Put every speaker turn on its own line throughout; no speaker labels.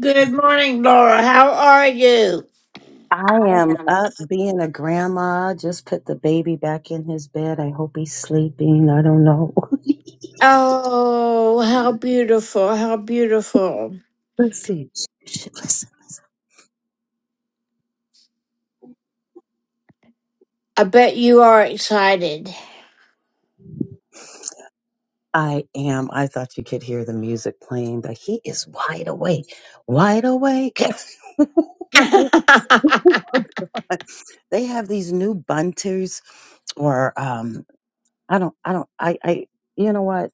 Good morning, Laura. How are you?
I am up being a grandma. Just put the baby back in his bed. I hope he's sleeping. I don't know.
Oh, how beautiful. How beautiful.
Let's see. Shh, Listen.
I bet you are excited.
I am. I thought you could hear the music playing, but he is wide awake. Wide awake. Oh, my God. They have these new bunters or um I don't, I don't, I, I, you know what?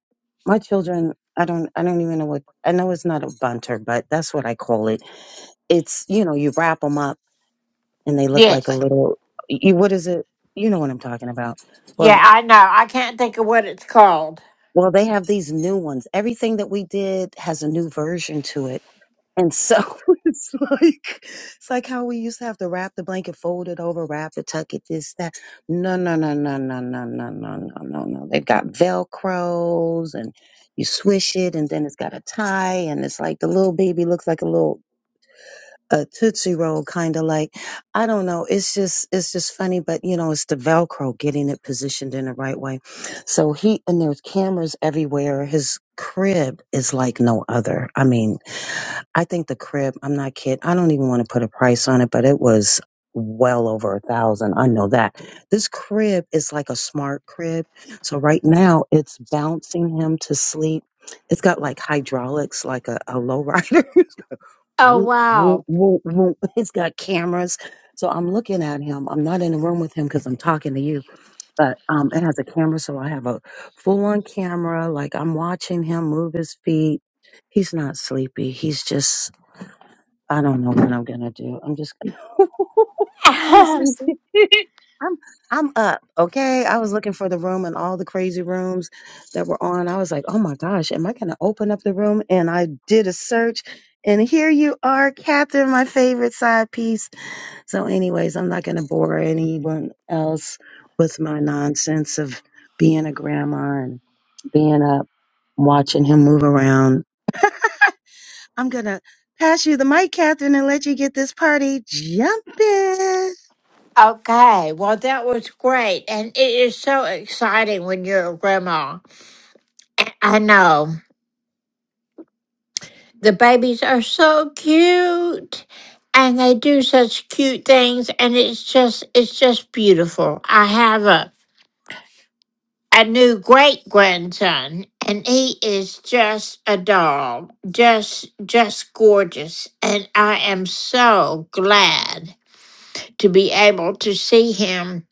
My children, I don't, I don't even know what, I know it's not a bunter, but that's what I call it. It's, you know, you wrap them up and they look
yes.
like a little, you, what is it? You know what I'm talking about. Well,
Yeah, I know. I can't think of what it's called.
well, they have these new ones. Everything that we did has a new version to it. And so it's like it's like how we used to have to wrap the blanket, fold it over, wrap it, tuck it, this, that. No, no, no, no, no, no, no, no, no, no, no. no. They've got velcros and you swish it and then it's got a tie and it's like the little baby looks like a little a Tootsie Roll kind of like. I don't know. It's just it's just funny, but you know, it's the Velcro getting it positioned in the right way. So he and there's cameras everywhere. His crib is like no other. I mean I think the crib, I'm not kidding. I don't even want to put a price on it, but it was well over a thousand. I know that. This crib is like a smart crib. So right now it's bouncing him to sleep. It's got like hydraulics, like a, a low
Oh,
Whoop, whoop,
wow.
whoop, whoop. it's got cameras. So I'm looking at him. I'm not in the room with him because I'm talking to you, but um, it has a camera. So I have a full on camera. Like I'm watching him move his feet he's not sleepy. He's just I don't know what I'm gonna do. I'm just gonna. I'm gonna see. I'm I'm up. Okay. I was looking for the room and all the crazy rooms that were on. I was like, oh my gosh, am I gonna open up the room? And I did a search and here you are, Catherine, my favorite side piece. So, anyways, I'm not gonna bore anyone else with my nonsense of being a grandma and being up, watching him move around I'm going to pass you the mic, Catherine, and let you get this party jumping.
okay. Well, that was great. And it is so exciting when you're a grandma. I know. The babies are so cute and they do such cute things and it's just it's just beautiful. I have a a new great grandson and he is just a doll. Just just gorgeous and I am so glad to be able to see him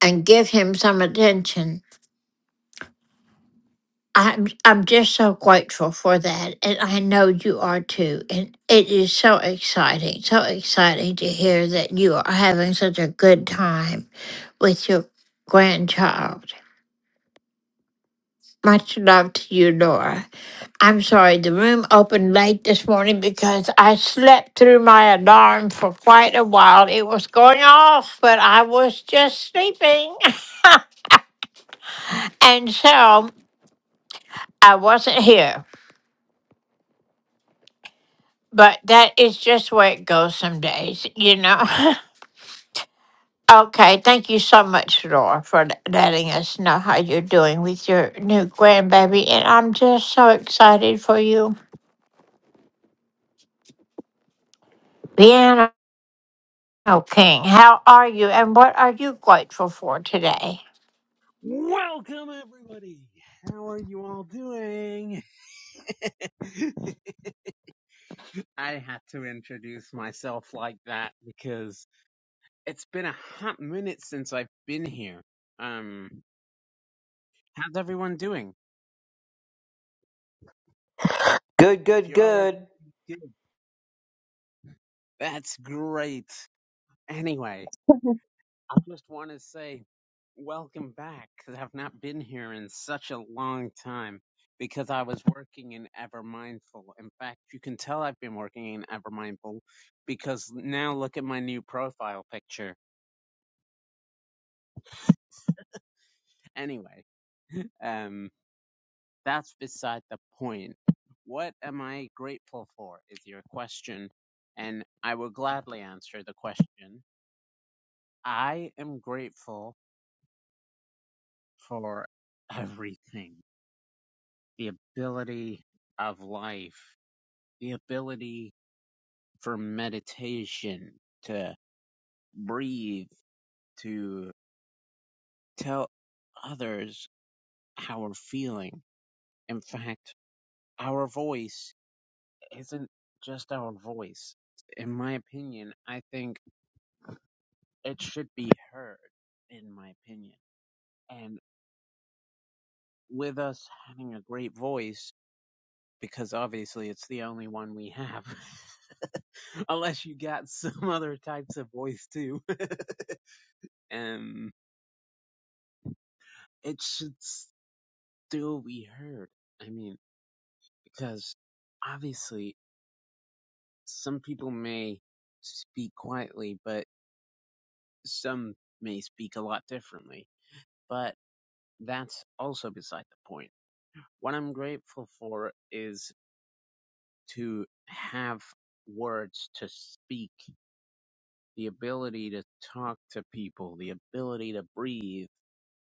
and give him some attention. I'm I'm just so grateful for that, and I know you are too. And it is so exciting, so exciting to hear that you are having such a good time with your grandchild. Much love to you, Laura. I'm sorry the room opened late this morning because I slept through my alarm for quite a while. It was going off, but I was just sleeping, and so I wasn't here. But that is just where it goes some days, you know. okay, thank you so much, Laura, for l- letting us know how you're doing with your new grandbaby. And I'm just so excited for you. Piano King, how are you and what are you grateful for today?
Welcome, everybody. How are you all doing? I had to introduce myself like that because it's been a hot minute since I've been here. Um, how's everyone doing?
Good,
If
good,
you all are
good.
good, that's great. Anyway, I just want to say welcome back because I've not been here in such a long time because I was working in Ever Mindful. In fact, you can tell I've been working in Ever Mindful because now look at my new profile picture. Anyway, um, that's beside the point. What am I grateful for is your question, and I will gladly answer the question. I am grateful for everything the ability of life, the ability for meditation, to breathe, to tell others how we're feeling. In fact, our voice isn't just our voice. In my opinion, I think it should be heard, in my opinion. And with us having a great voice, because obviously it's the only one we have. Unless you got some other types of voice too. um, it should still be heard. I mean, because obviously some people may speak quietly, but some may speak a lot differently. But that's also beside the point. What I'm grateful for is to have words to speak the ability to talk to people, the ability to breathe,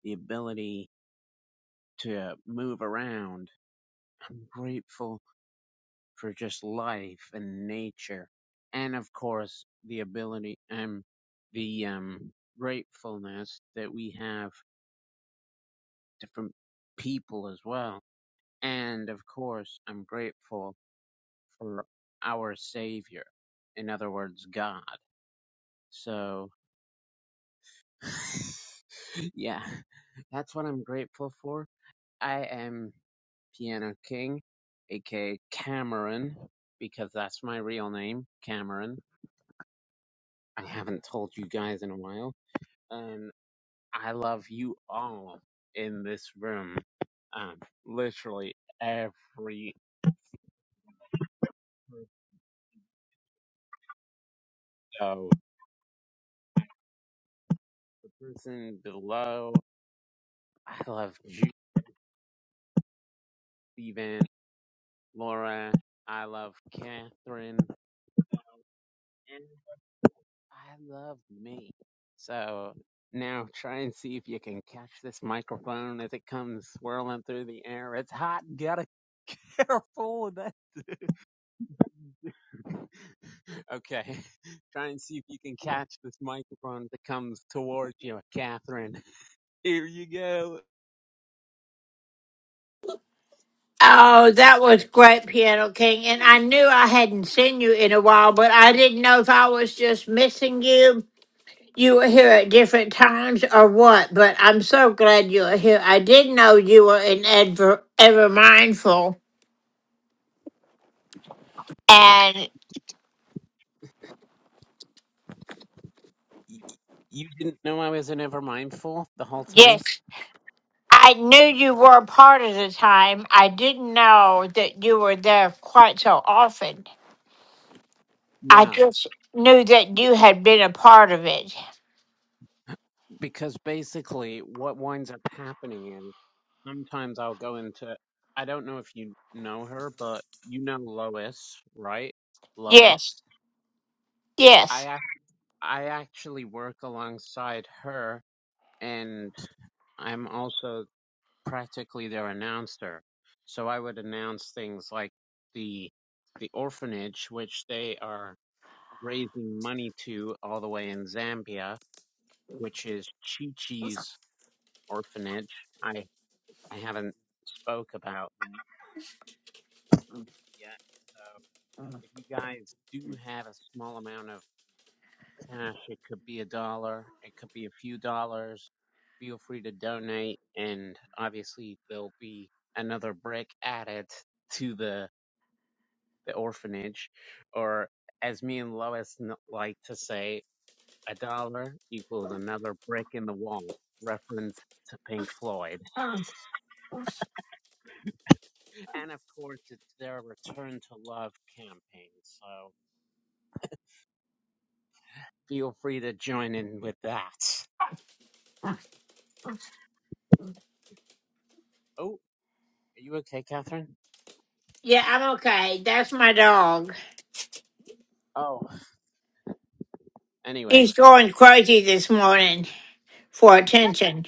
the ability to move around. I'm grateful for just life and nature. And of course, the ability and the um, gratefulness that we have different people as well. And of course, I'm grateful for our Savior. In other words, God. So, yeah, that's what I'm grateful for I am Piano King, aka Cameron, because that's my real name, Cameron. I haven't told you guys in a while, and I love you all in this room. Um, literally every so the person below. I love Judy Van Laura. I love Catherine. I love me. So now try and see if you can catch this microphone as it comes swirling through the air. It's hot. Gotta careful with that. Okay. Try and see if you can catch this microphone that comes towards you, Catherine. Here you go.
Oh, that was great, Piano King. And I knew I hadn't seen you in a while, but I didn't know if I was just missing you. You were here at different times or what? But I'm so glad you are here. I didn't know you were in Ever, Ever Mindful. And
You didn't know I was an ever mindful the whole time?
yes, I knew you were part of the time. I didn't know that you were there quite so often. I
Yeah.
just knew that you had been a part of it.
because basically what winds up happening is sometimes I'll go into I don't know if you know her, but you know Lois, right? Lois.
Yes, yes.
I ac- I actually work alongside her, and I'm also practically their announcer. So I would announce things like the the orphanage, which they are raising money to all the way in Zambia, which is Chi Chi's orphanage. I I haven't spoke about that yet. So if you guys do have a small amount of cash, it could be a dollar, it could be a few dollars. Feel free to donate, and obviously there'll be another brick added to the the orphanage, or as me and Lois n- like to say, a dollar equals another brick in the wall. Reference to Pink Floyd, and of course, it's their Return to Love campaign. So feel free to join in with that. Oh, are you okay, Catherine?
Yeah, I'm okay. That's my dog.
Oh, anyway,
He's going crazy this morning for attention.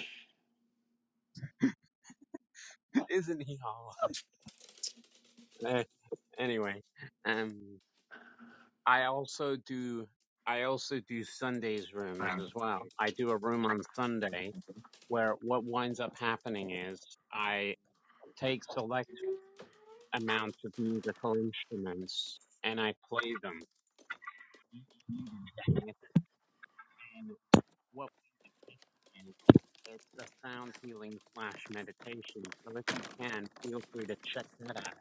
isn't he all? Uh, anyway, um, I also do. I also do Sundays rooms as well. I do a room on Sunday where what winds up happening is I take select amounts of musical instruments and I play them. And what and it's a sound healing slash meditation. So if you can, feel free to check that out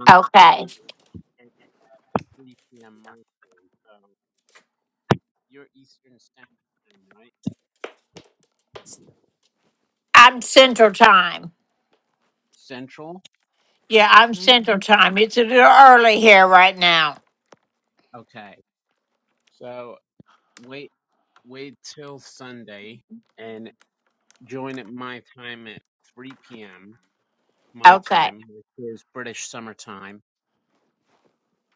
on
Okay.
Sunday at 3 p.m. my time. So you're Eastern Standard Time, right?
I'm Central Time.
Central?
Yeah, I'm
Right.
Central Time. It's a little early here right now.
Okay. So wait, wait till Sunday and join at my time at 3 p.m. my
Okay.
time, which is British summertime,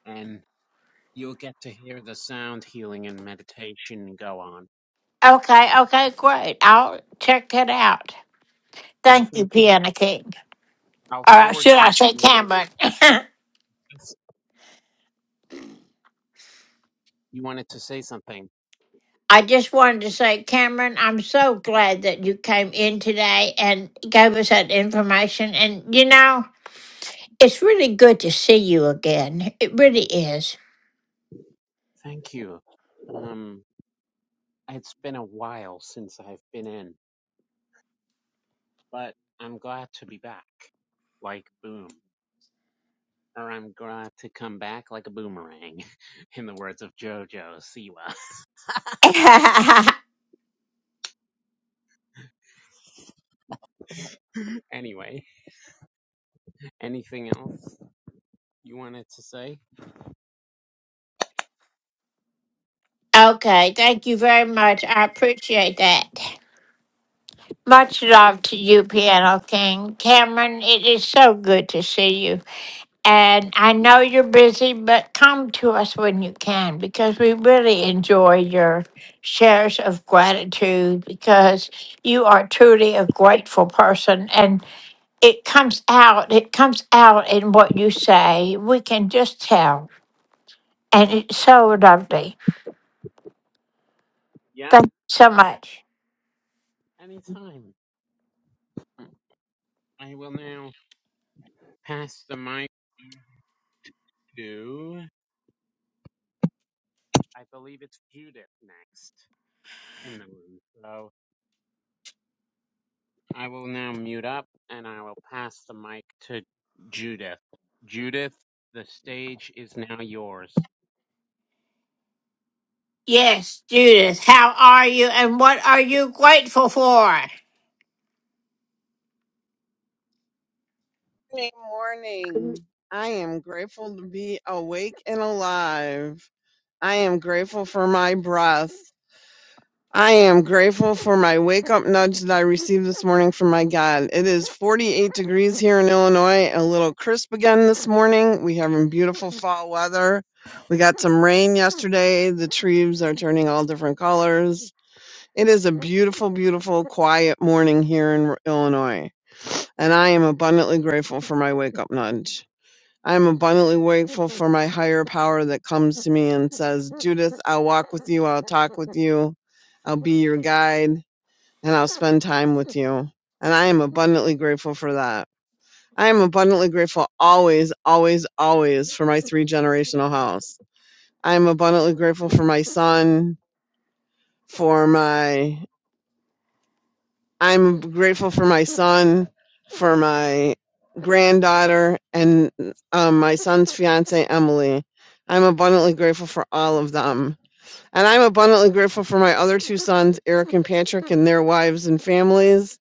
and you'll get to hear the sound healing and meditation go on.
Okay. Okay. Great. I'll check that out.
I'm
Thank you,
fantastic.
Piano King.
I'll
Or
forward
should I
you the
say
link.
Cameron?
Yes. You wanted to say something.
I just wanted to say, Cameron, I'm so glad that you came in today and gave us that information. And, you know, it's really good to see you again. It really is.
Thank you. Um, it's been a while since I've been in, but I'm glad to be back. Like boom. Or I'm glad to come back like a boomerang, in the words of Jojo Siwa.
okay.
anyway, anything else you wanted to say?
Thank you very much. I appreciate that. Much love to you, Piano King. Cameron, it is so good to see you. And I know you're busy, but come to us when you can because we really enjoy your shares of gratitude because you are truly a grateful person and it comes out, it comes out in what you say. We can just tell. And it's so lovely.
Yeah?
Thank you so much.
Anytime. I will now pass the mic to, I believe it's Judith next in the room. So. I will now mute up and I will pass the mic to Judith. Judith, the stage is now yours.
Yes, Judith, how are you and what are you grateful for?
Morning, morning. I am grateful to be awake and alive. I am grateful for my breath. I am grateful for my wake up nudge that I received this morning from my God. It is 48 degrees here in Illinois, a little crisp again this morning. We're having beautiful fall weather. We got some rain yesterday. The trees are turning all different colors. It is a beautiful, beautiful, quiet morning here in Illinois, and I am abundantly grateful for my wake up nudge. I am abundantly grateful for my higher power that comes to me and says, Judith, I'll walk with you, I'll talk with you, I'll be your guide, and I'll spend time with you. And I am abundantly grateful for that. I am abundantly grateful always, always, always for my three generational house. I am abundantly grateful for my son, for my I'm grateful for my son, for my granddaughter, and um, my son's fiance, Emily. I'm abundantly grateful for all of them. And I'm abundantly grateful for my other two sons, Eric and Patrick, and their wives and families.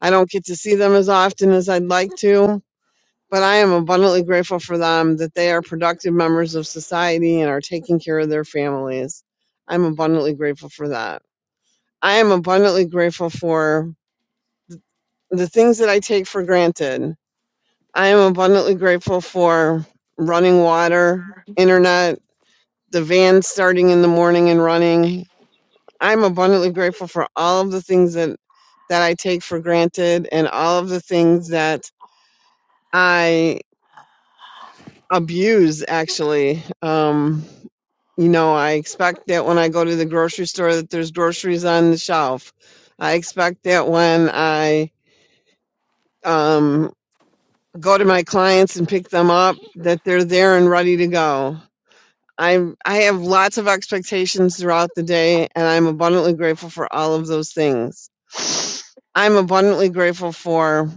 I don't get to see them as often as I'd like to, but I am abundantly grateful for them that they are productive members of society and are taking care of their families. I'm abundantly grateful for that. I am abundantly grateful for the things that I take for granted. I am abundantly grateful for running water, internet, the van starting in the morning and running. I'm abundantly grateful for all of the things that that I take for granted and all of the things that I abuse actually. Um you know, I expect that when I go to the grocery store that there's groceries on the shelf. I expect that when I um go to my clients and pick them up that they're there and ready to go i i have lots of expectations throughout the day and i'm abundantly grateful for all of those things i'm abundantly grateful for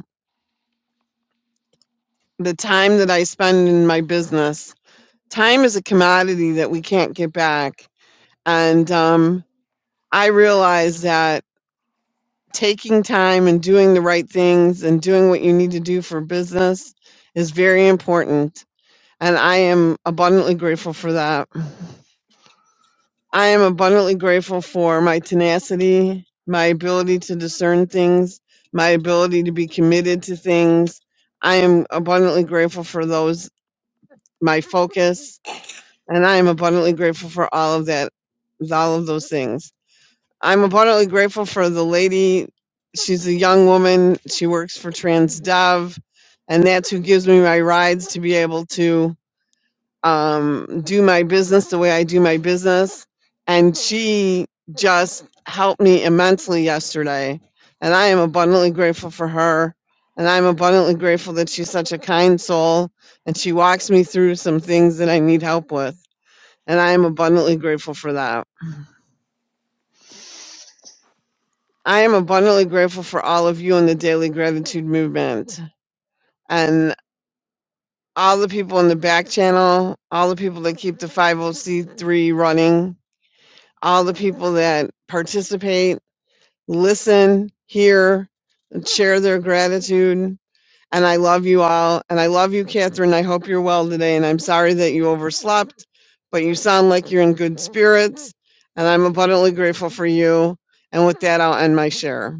the time that i spend in my business time is a commodity that we can't get back and um, i realize that taking time and doing the right things and doing what you need to do for business is very important And I am abundantly grateful for that. I am abundantly grateful for my tenacity, my ability to discern things, my ability to be committed to things. I am abundantly grateful for those, my focus, and I am abundantly grateful for all of that, all of those things. I'm abundantly grateful for the lady. She's a young woman. She works for TransDev, and that's who gives me my rides to be able to um, do my business the way I do my business. And she just helped me immensely yesterday. And I am abundantly grateful for her. And I'm abundantly grateful that she's such a kind soul and she walks me through some things that I need help with. And I am abundantly grateful for that. I am abundantly grateful for all of you in the Daily Gratitude Movement and all the people in the back channel, all the people that keep the 50C3 running all the people that participate, listen, hear, and share their gratitude. And I love you all. And I love you, Catherine. I hope you're well today. And I'm sorry that you overslept, but you sound like you're in good spirits. And I'm abundantly grateful for you. And with that, I'll end my share.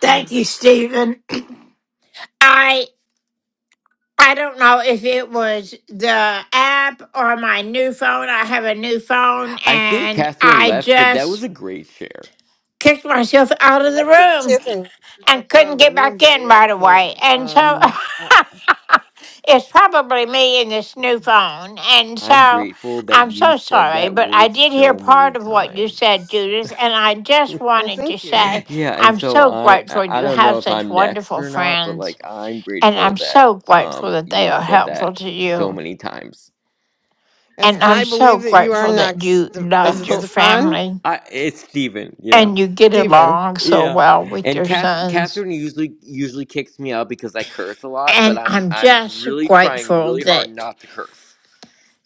Thank you, Stephen. I I don't know if it was the app or my new phone. I have a new phone
I think
and
Catherine
I
left, but that was
just
a great share.
kicked myself out of
I
the
think
room
Catherine herself
and
out
couldn't
of the
get
room
back
by
in right
accident.
away. And so
Um, I,
it's probably me and this new phone. And
I'm
so
grateful that
I'm
you
so
said
sorry,
that
but I
word
did hear
so many
part of what you said,
times.
Judith, and I just
well,
wanted to
thank you.
say
Yeah, and
I'm
so
so
I I
grateful
I
you
don't know
have
if
such
I'm next
wonderful
or not, but
friends
like I'm
And
grateful
I'm
that
so grateful
um
that they
you
are
said that
helpful to
so
you.
many times.
Yes,
And
and I
I'm so
believe that you are
grateful that
next.
you
Ste- Is
loved
it
your
Oh,
Stefan?
family
I it's Steven, yeah.
and you get
Stephen.
along so
Yeah.
well with
And
your
Kath,
sons.
Catherine usually usually kicks me out because I curse a lot, but
And
I'm
I'm
I'm
just
really trying
grateful
really hard
that
not to curse.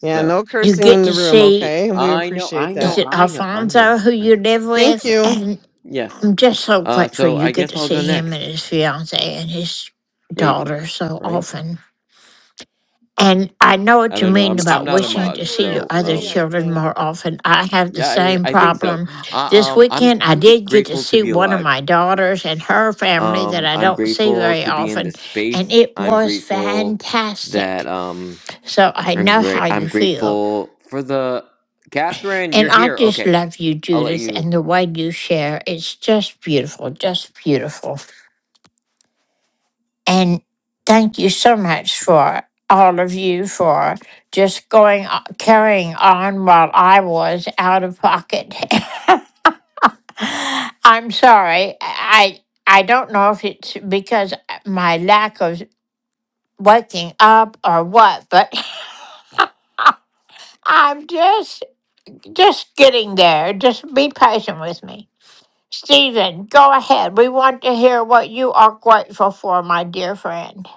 Yeah, no
you
cursing
get
in the
to
room,
see
okay? We
I know, I
appreciate
is
know,
that.
it
I know, I know,
Alfonso who
I
you
know.
live
Thank
with?
Uh,
you.
And
Yes.
I'm just so
Uh,
grateful
so
you
I
get
guess
to
I'll
see
go
him and
next,
his fiance and his
maybe.
daughter so
Right?
often. And I know
I
what you
don't know.
mean
I'm I'm
about
not a
Go
wishing
ahead.
to
You
mod,
see
were
your
so
after
other
me,
um,
I
children
think.
more often. I have the
yeah, I,
same
I think so.
problem.
I,
This
um, I'm
weekend, I
I'm just
did get to
grateful to
see
be
one of
alive.
my daughters and her family that
Um,
I
I'm
don't see
grateful
very
to be in
often,
this
and
space.
it
I'm
was
grateful that
fantastic.
um,
So I
I'm
know how
great. I'm
you feel.
grateful for the Catherine. You're
And I
here.
just
Okay,
love you,
I'll let
Judith,
you.
and the way you share. It's just beautiful, just beautiful. And thank you so much for all of you for just going o- carrying on while I was out of pocket. I'm sorry. I I don't know if it's because my lack of waking up or what, but I'm just just getting there. Just be patient with me. Stephen, go ahead. We want to hear what you are grateful for, my dear friend.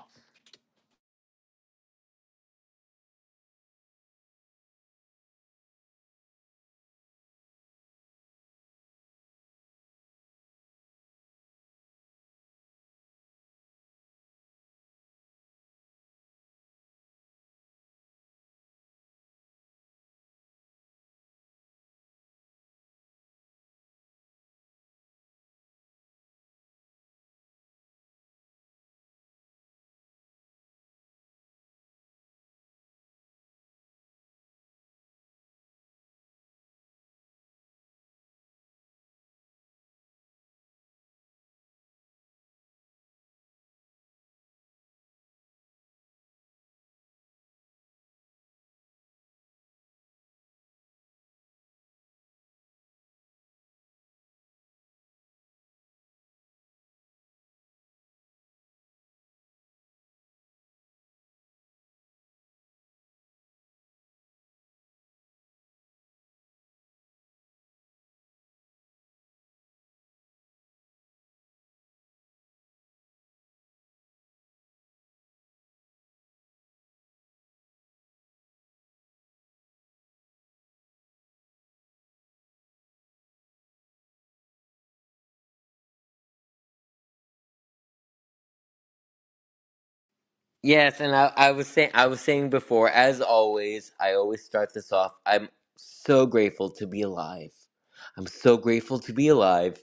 Yes, and I, I was saying I was saying before, as always, I always start this off. I'm so grateful to be alive. I'm so grateful to be alive.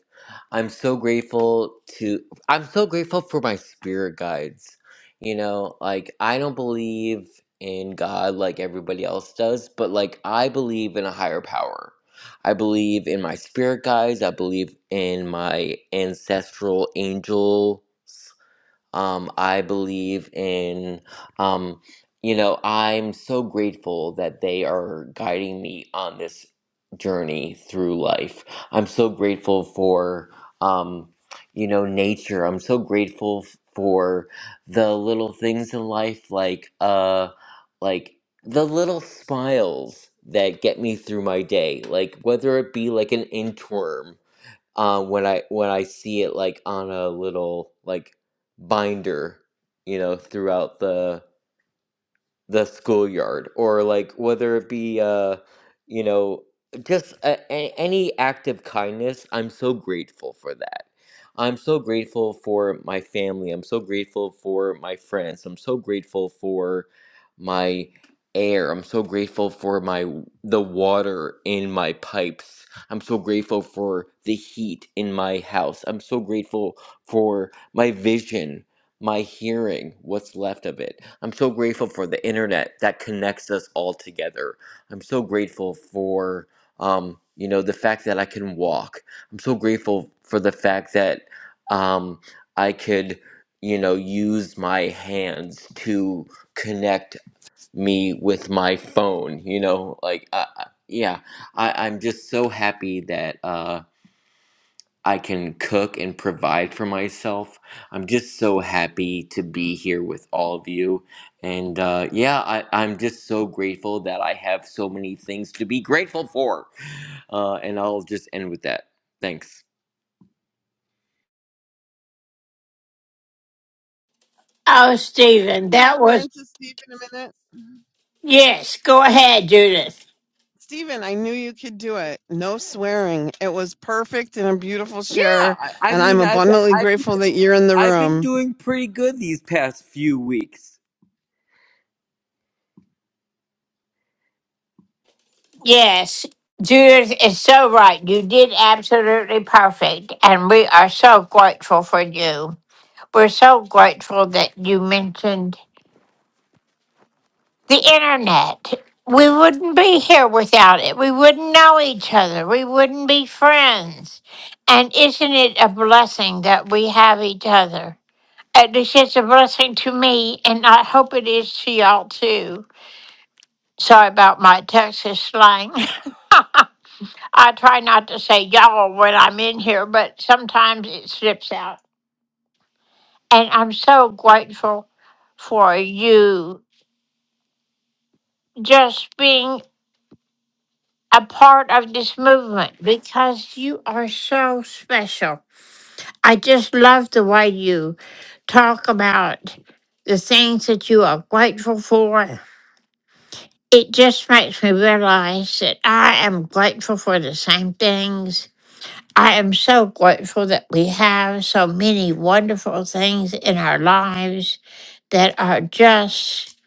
I'm so grateful to I'm so grateful for my spirit guides. You know, like I don't believe in God like everybody else does, but like I believe in a higher power. I believe in my spirit guides. I believe in my ancestral angels um, I believe in, um, you know, I'm so grateful that they are guiding me on this journey through life. I'm so grateful for, um, you know, nature. I'm so grateful f- for the little things in life, like, uh, like the little smiles that get me through my day, like whether it be like an inchworm um when I when I see it like on a little like binder, you know, throughout the the schoolyard or like whether it be uh you know just a, a- any act of kindness i'm so grateful for that i'm so grateful for my family i'm so grateful for my friends i'm so grateful for my air i'm so grateful for my the water in my pipes i'm so grateful for the heat in my house i'm so grateful for my vision my hearing, what's left of it. I'm so grateful for the internet that connects us all together. I'm so grateful for, um, you know, the fact that I can walk. I'm so grateful for the fact that um, I could, you know, use my hands to connect me with my phone. You know, like, uh, uh, yeah, I, I'm just so happy that. Uh, I can cook and provide for myself. I'm just so happy to be here with all of you. And uh, yeah, I, I'm just so grateful that I have so many things to be grateful for. Uh, and I'll just end with that. Thanks.
Oh, Stephen,
Can I
that
pour
was
into Steve in a minute?
Yes, go ahead, Judith.
Steven, I knew you could do it. No swearing. It was perfect and a beautiful
Yeah,
share,
I, I
and I'm
mean, I've,
abundantly
I've,
grateful that you're in the
I've been
room.
doing pretty good these past few weeks.
Yes, Judith is so right. You did absolutely perfect, and we are so grateful for you. We're so grateful that you mentioned the internet. We wouldn't be here without it. We wouldn't know each other. We wouldn't be friends. And isn't it a blessing that we have each other? At least it's a blessing to me, and I hope it is to y'all too. Sorry about my Texas slang. I try not to say y'all when I'm in here, but sometimes it slips out. And I'm so grateful for you just being a part of this movement because you are so special. I just love the way you talk about the things that you are grateful for. It just makes me realize that I am grateful for the same things I am so grateful that we have so many wonderful things in our lives that are just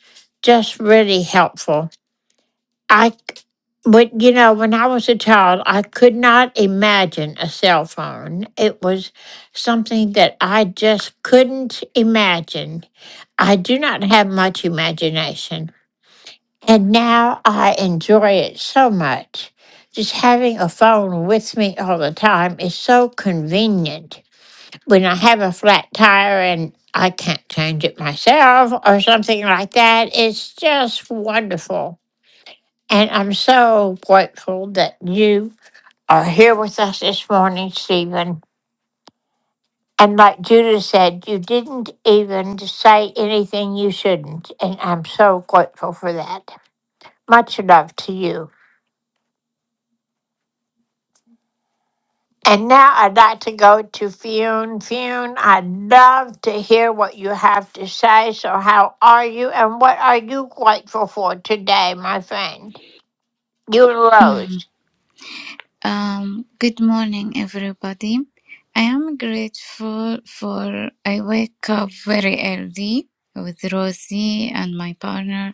just really helpful. I c- but you know, when I was a child, I could not imagine a cell phone. It was something that I just couldn't imagine. I do not have much imagination. And now I enjoy it so much. Just having a phone with me all the time is so convenient when I have a flat tire and I can't change it myself or something like that. It's just wonderful. And I'm so grateful that you are here with us this morning, Stephen. And like Judah said, you didn't even say anything you shouldn't. And I'm so grateful for that. Much love to you. And now I'd like to go to Fune. Fune, I'd love to hear what you have to say. So, how are you and what are you grateful for today, my friend? You and Rose.
Um, good morning, everybody. I am grateful for I wake up very early with Rosie and my partner.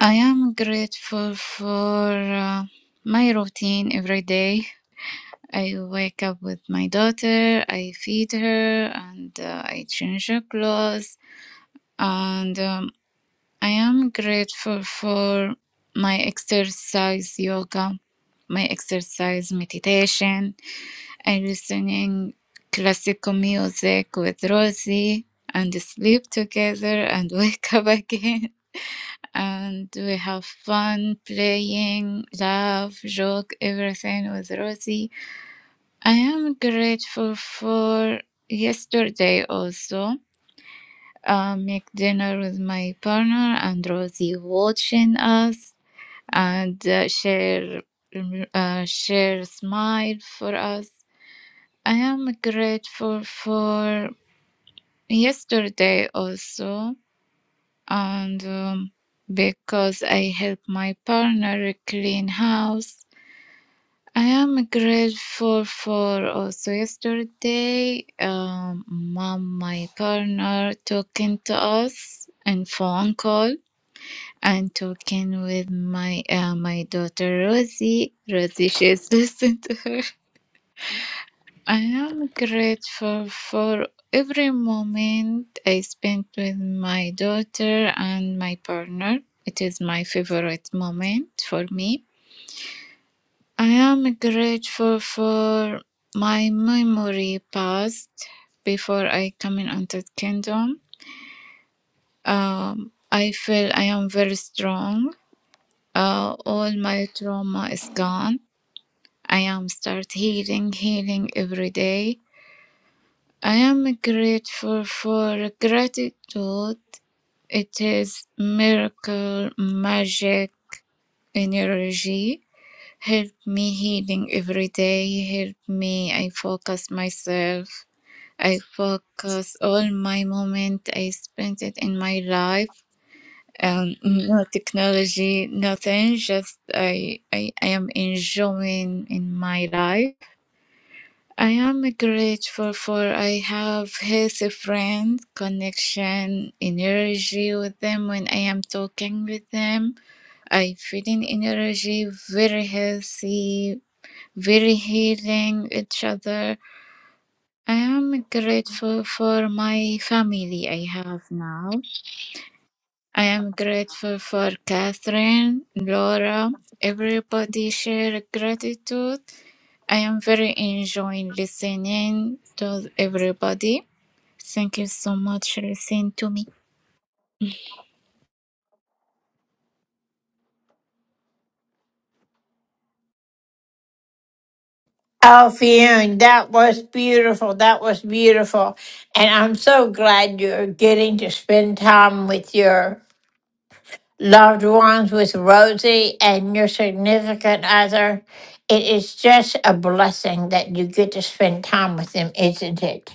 I am grateful for uh, my routine every day. I wake up with my daughter, I feed her, and uh, I change her clothes. And um, I am grateful for my exercise yoga, my exercise meditation I listening classical music with Rosie and sleep together and wake up again. And we have fun playing, laugh, joke, everything with Rosie. I am grateful for yesterday also. Uh, make dinner with my partner and Rosie watching us and uh, share uh, share smile for us I am grateful for yesterday also, and um, because I helped my partner clean house. I am grateful for also yesterday, um, mom, my partner, talking to us and phone call and talking with my uh, my daughter Rosie. Rosie, she's listening to her. I am grateful for every moment I spent with my daughter and my partner. It is my favorite moment for me. I am grateful for my memory past before I come in Unto Kingdom. Um, I feel I am very strong. Uh, all my trauma is gone. I am start healing, healing every day. I am grateful for gratitude. It is miracle magic energy. Help me healing every day. Help me. I focus myself. I focus all my moment I spent it in my life. Um, no technology, nothing. Just I, I, I am enjoying in my life. I am grateful for I have healthy friend connection, energy with them when I am talking with them. I feeling energy very healthy, very healing each other. I am grateful for my family I have now. I am grateful for Catherine, Laura, everybody share gratitude. I am very enjoying listening to everybody. Thank you so much for listening to me.
Oh, Fune, that was beautiful. That was beautiful. And I'm so glad you're getting to spend time with your loved ones, with Rosie and your significant other. It is just a blessing that you get to spend time with them, isn't it?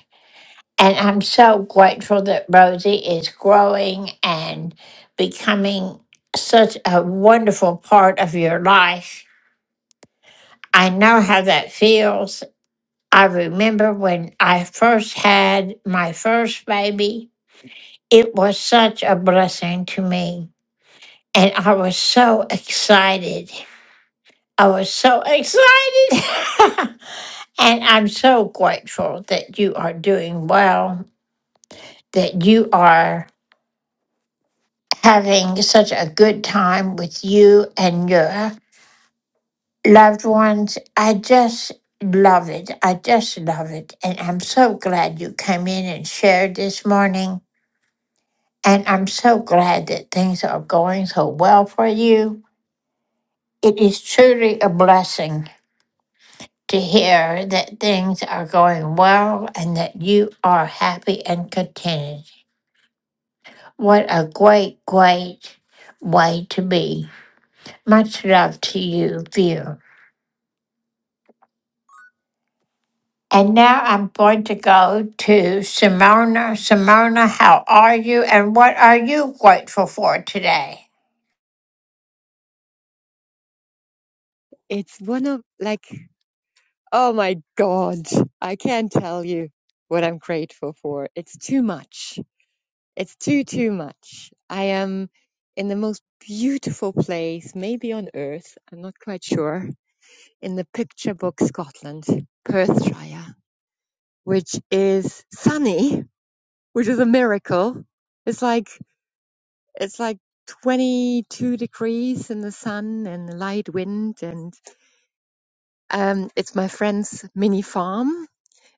And I'm so grateful that Rosie is growing and becoming such a wonderful part of your life. I know how that feels. I remember when I first had my first baby, it was such a blessing to me. And I was so excited. I was so excited. and I'm so grateful that you are doing well, that you are. having such a good time with you and your loved ones. I just love it. I just love it. And I'm so glad you came in and shared this morning. And I'm so glad that things are going so well for you. It is truly a blessing to hear that things are going well and that you are happy and contented. What a great, great way to be. Much love to you, Vera. And now I'm going to go to Simona. Simona, how are you and what are you grateful for today?
It's one of like, oh my God, I can't tell you what I'm grateful for. It's too much. It's too, too much. I am in the most beautiful place, maybe on earth. I'm not quite sure. In the picture book Scotland, Perthshire, which is sunny, which is a miracle. It's like, it's like 22 degrees in the sun and light wind and um, it's my friend's mini farm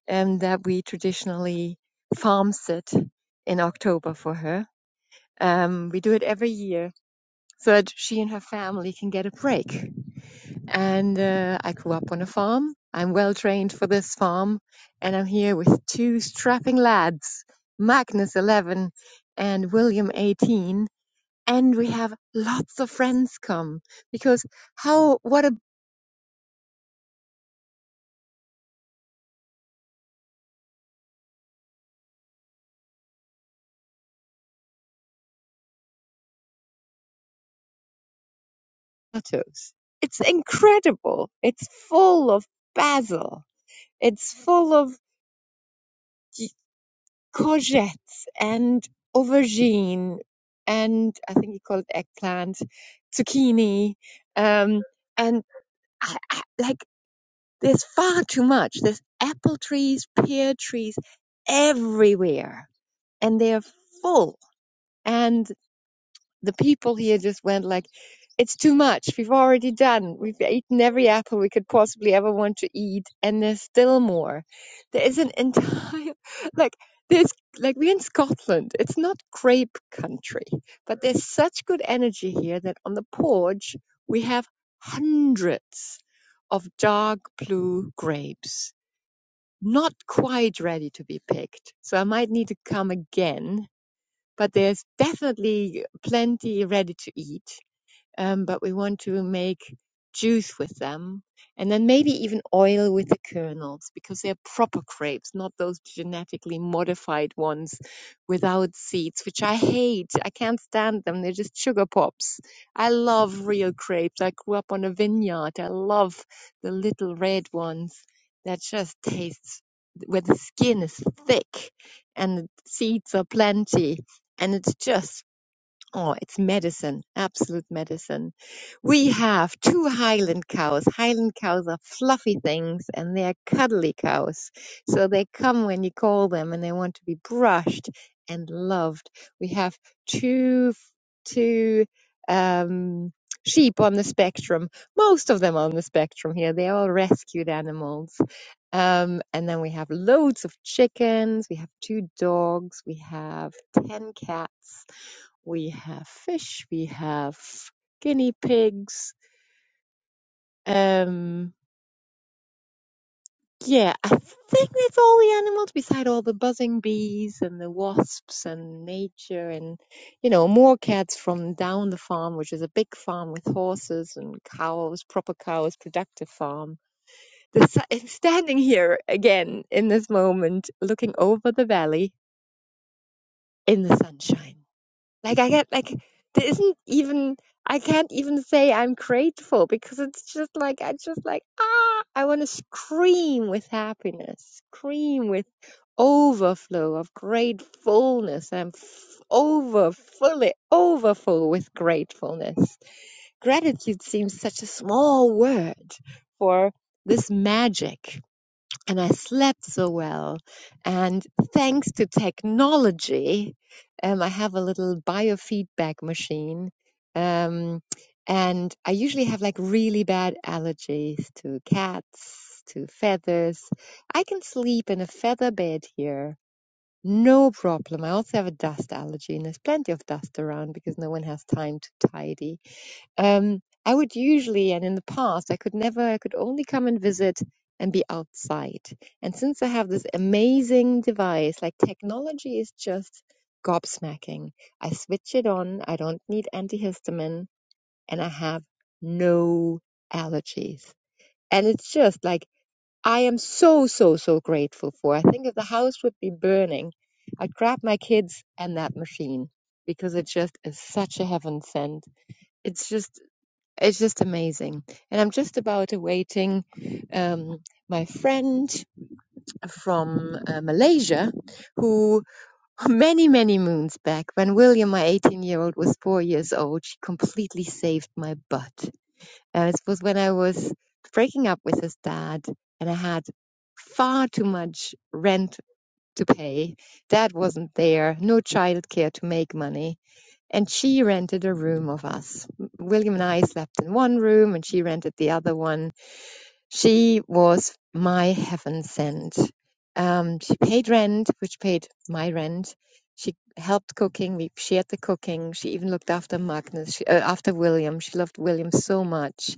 um, that we traditionally farm sit in October for her. Um, we do it every year so that she and her family can get a break. And uh, I grew up on a farm. I'm well trained for this farm, and I'm here with two strapping lads, Magnus 11 and William 18. And we have lots of friends come because how, what a potatoes. It's incredible. It's full of basil. It's full of courgettes and aubergine and I think he called eggplant, zucchini, um, and I, I, like there's far too much. There's apple trees, pear trees everywhere, and they're full. and the people here just went like, it's too much. We've already done. We've eaten every apple we could possibly ever want to eat, and there's still more. There is an entire like there's like we're in Scotland. It's not grape country, but there's such good energy here that on the porch we have hundreds of dark blue grapes, not quite ready to be picked. So I might need to come again but there's definitely plenty ready to eat um, but we want to make juice with them and then maybe even oil with the kernels because they're proper grapes not those genetically modified ones without seeds which i hate i can't stand them they're just sugar pops i love real grapes i grew up on a vineyard i love the little red ones that just taste, where the skin is thick and the seeds are plenty and it's just Oh, it's medicine, absolute medicine. We have two Highland cows. Highland cows are fluffy things and they're cuddly cows. So they come when you call them and they want to be brushed and loved. We have two, two, um, sheep on the spectrum. Most of them on the spectrum here. They're all rescued animals. Um, and then we have loads of chickens. We have two dogs. We have 10 cats we have fish, we have guinea pigs. Um, yeah, I think that's all the animals beside all the buzzing bees and the wasps and nature and, you know, more cats from down the farm, which is a big farm with horses and cows, proper cows, productive farm. The, su- I'm standing here again in this moment, looking over the valley in the sunshine Like I get like there isn't even I can't even say I'm grateful because it's just like I just like ah I want to scream with happiness, scream with overflow of gratefulness. I'm f- over fully overfull with gratefulness. Gratitude seems such a small word for this magic and I slept so well. And thanks to technology, um, I have a little biofeedback machine. Um, and I usually have like really bad allergies to cats, to feathers. I can sleep in a feather bed here. No problem. I also have a dust allergy, and there's plenty of dust around because no one has time to tidy. Um, I would usually, and in the past, I could never, I could only come and visit and be outside. And since I have this amazing device, like technology is just gobsmacking. I switch it on, I don't need antihistamine, and I have no allergies. And it's just like, I am so, so, so grateful for. I think if the house would be burning, I'd grab my kids and that machine because it just is such a heaven sent it's just it's just amazing. And I'm just about awaiting um, my friend from uh, Malaysia, who many, many moons back, when William, my 18 year old, was four years old, she completely saved my butt. And it was when I was breaking up with his dad and I had far too much rent to pay. Dad wasn't there, no childcare to make money and she rented a room of us. William and I slept in one room, and she rented the other one. She was my heaven sent. Um, she paid rent, which paid my rent. She helped cooking. We shared the cooking. She even looked after Magnus, she, uh, after William. She loved William so much,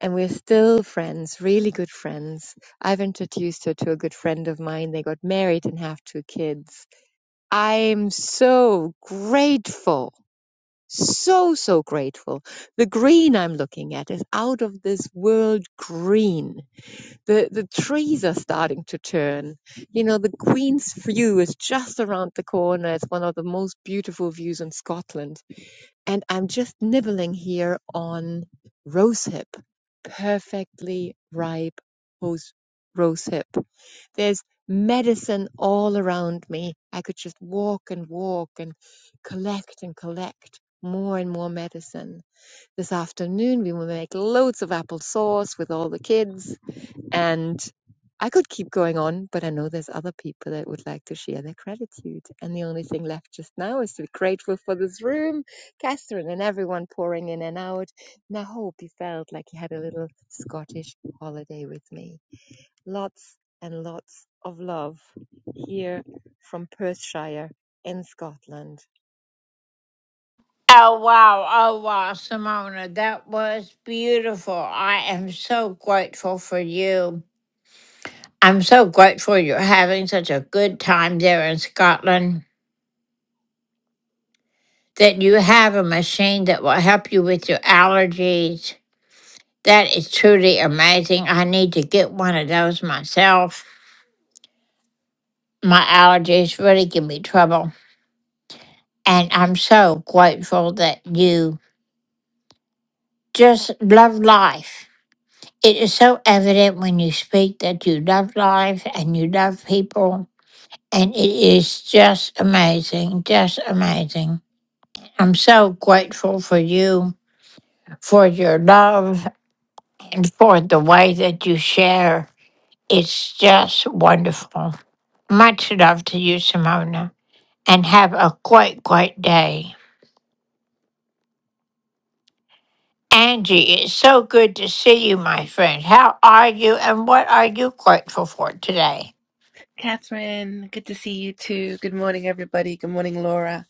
and we're still friends, really good friends. I've introduced her to a good friend of mine. They got married and have two kids. I'm so grateful so, so grateful. The green I'm looking at is out of this world green. The, the trees are starting to turn. You know, the Queen's View is just around the corner. It's one of the most beautiful views in Scotland and I'm just nibbling here on rosehip, perfectly ripe rose, rosehip. There's medicine all around me. I could just walk and walk and collect and collect more and more medicine. This afternoon, we will make loads of apple sauce with all the kids and I could keep going on, but I know there's other people that would like to share their gratitude. And the only thing left just now is to be grateful for this room, Catherine, and everyone pouring in and out. And I hope you felt like you had a little Scottish holiday with me. Lots and lots of love here from Perthshire in Scotland.
Oh, wow. Oh, wow, Simona. That was beautiful. I am so grateful for you. I'm so grateful you're having such a good time there in Scotland, that you have a machine that will help you with your allergies. That is truly amazing. I need to get one of those myself. My allergies really give me trouble. And I'm so grateful that you just love life. It is so evident when you speak that you love life and you love people. And it is just amazing, just amazing. I'm so grateful for you, for your love, and for the way that you share. It's just wonderful. Much love to you, Simona, and have a great, great day. Angie, it's so good to see you, my friend. How are you and what are you grateful for today?
Catherine, good to see you too. Good morning, everybody. Good morning, Laura.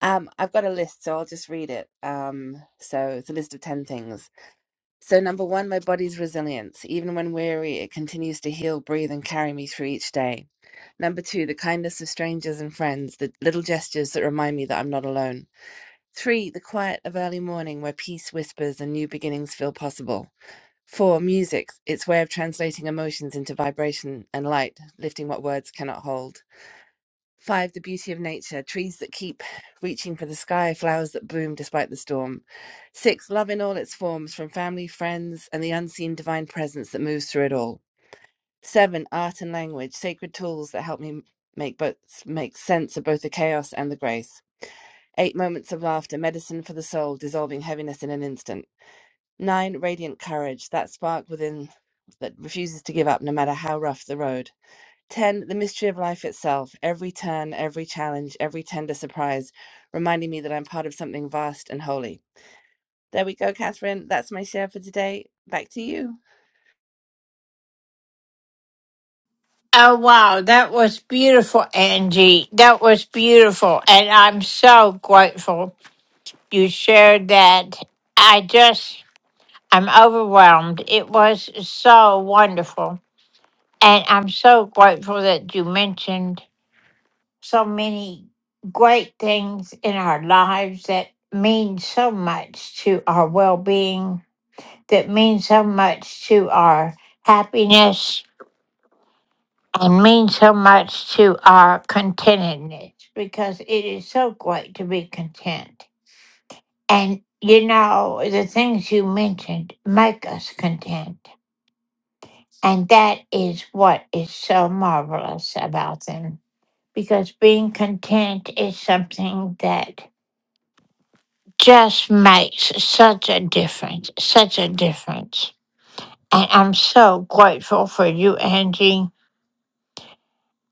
Um, I've got a list, so I'll just read it. Um, so it's a list of 10 things. So, number one, my body's resilience. Even when weary, it continues to heal, breathe, and carry me through each day. Number two, the kindness of strangers and friends, the little gestures that remind me that I'm not alone. Three, the quiet of early morning where peace whispers and new beginnings feel possible. Four, music, its way of translating emotions into vibration and light, lifting what words cannot hold. Five, the beauty of nature, trees that keep reaching for the sky, flowers that bloom despite the storm. Six, love in all its forms, from family, friends, and the unseen divine presence that moves through it all. Seven, art and language, sacred tools that help me make both make sense of both the chaos and the grace. Eight, moments of laughter, medicine for the soul, dissolving heaviness in an instant. Nine, radiant courage, that spark within that refuses to give up no matter how rough the road. 10 the mystery of life itself every turn every challenge every tender surprise reminding me that i'm part of something vast and holy there we go catherine that's my share for today back to you
Oh, wow, that was beautiful, Angie. That was beautiful. And I'm so grateful you shared that. I just, I'm overwhelmed. It was so wonderful. And I'm so grateful that you mentioned so many great things in our lives that mean so much to our well being that mean so much to our happiness and mean so much to our contentedness because it is so great to be content. And you know, the things you mentioned make us content. And that is what is so marvelous about them because being content is something that just makes such a difference, such a difference. And I'm so grateful for you, Angie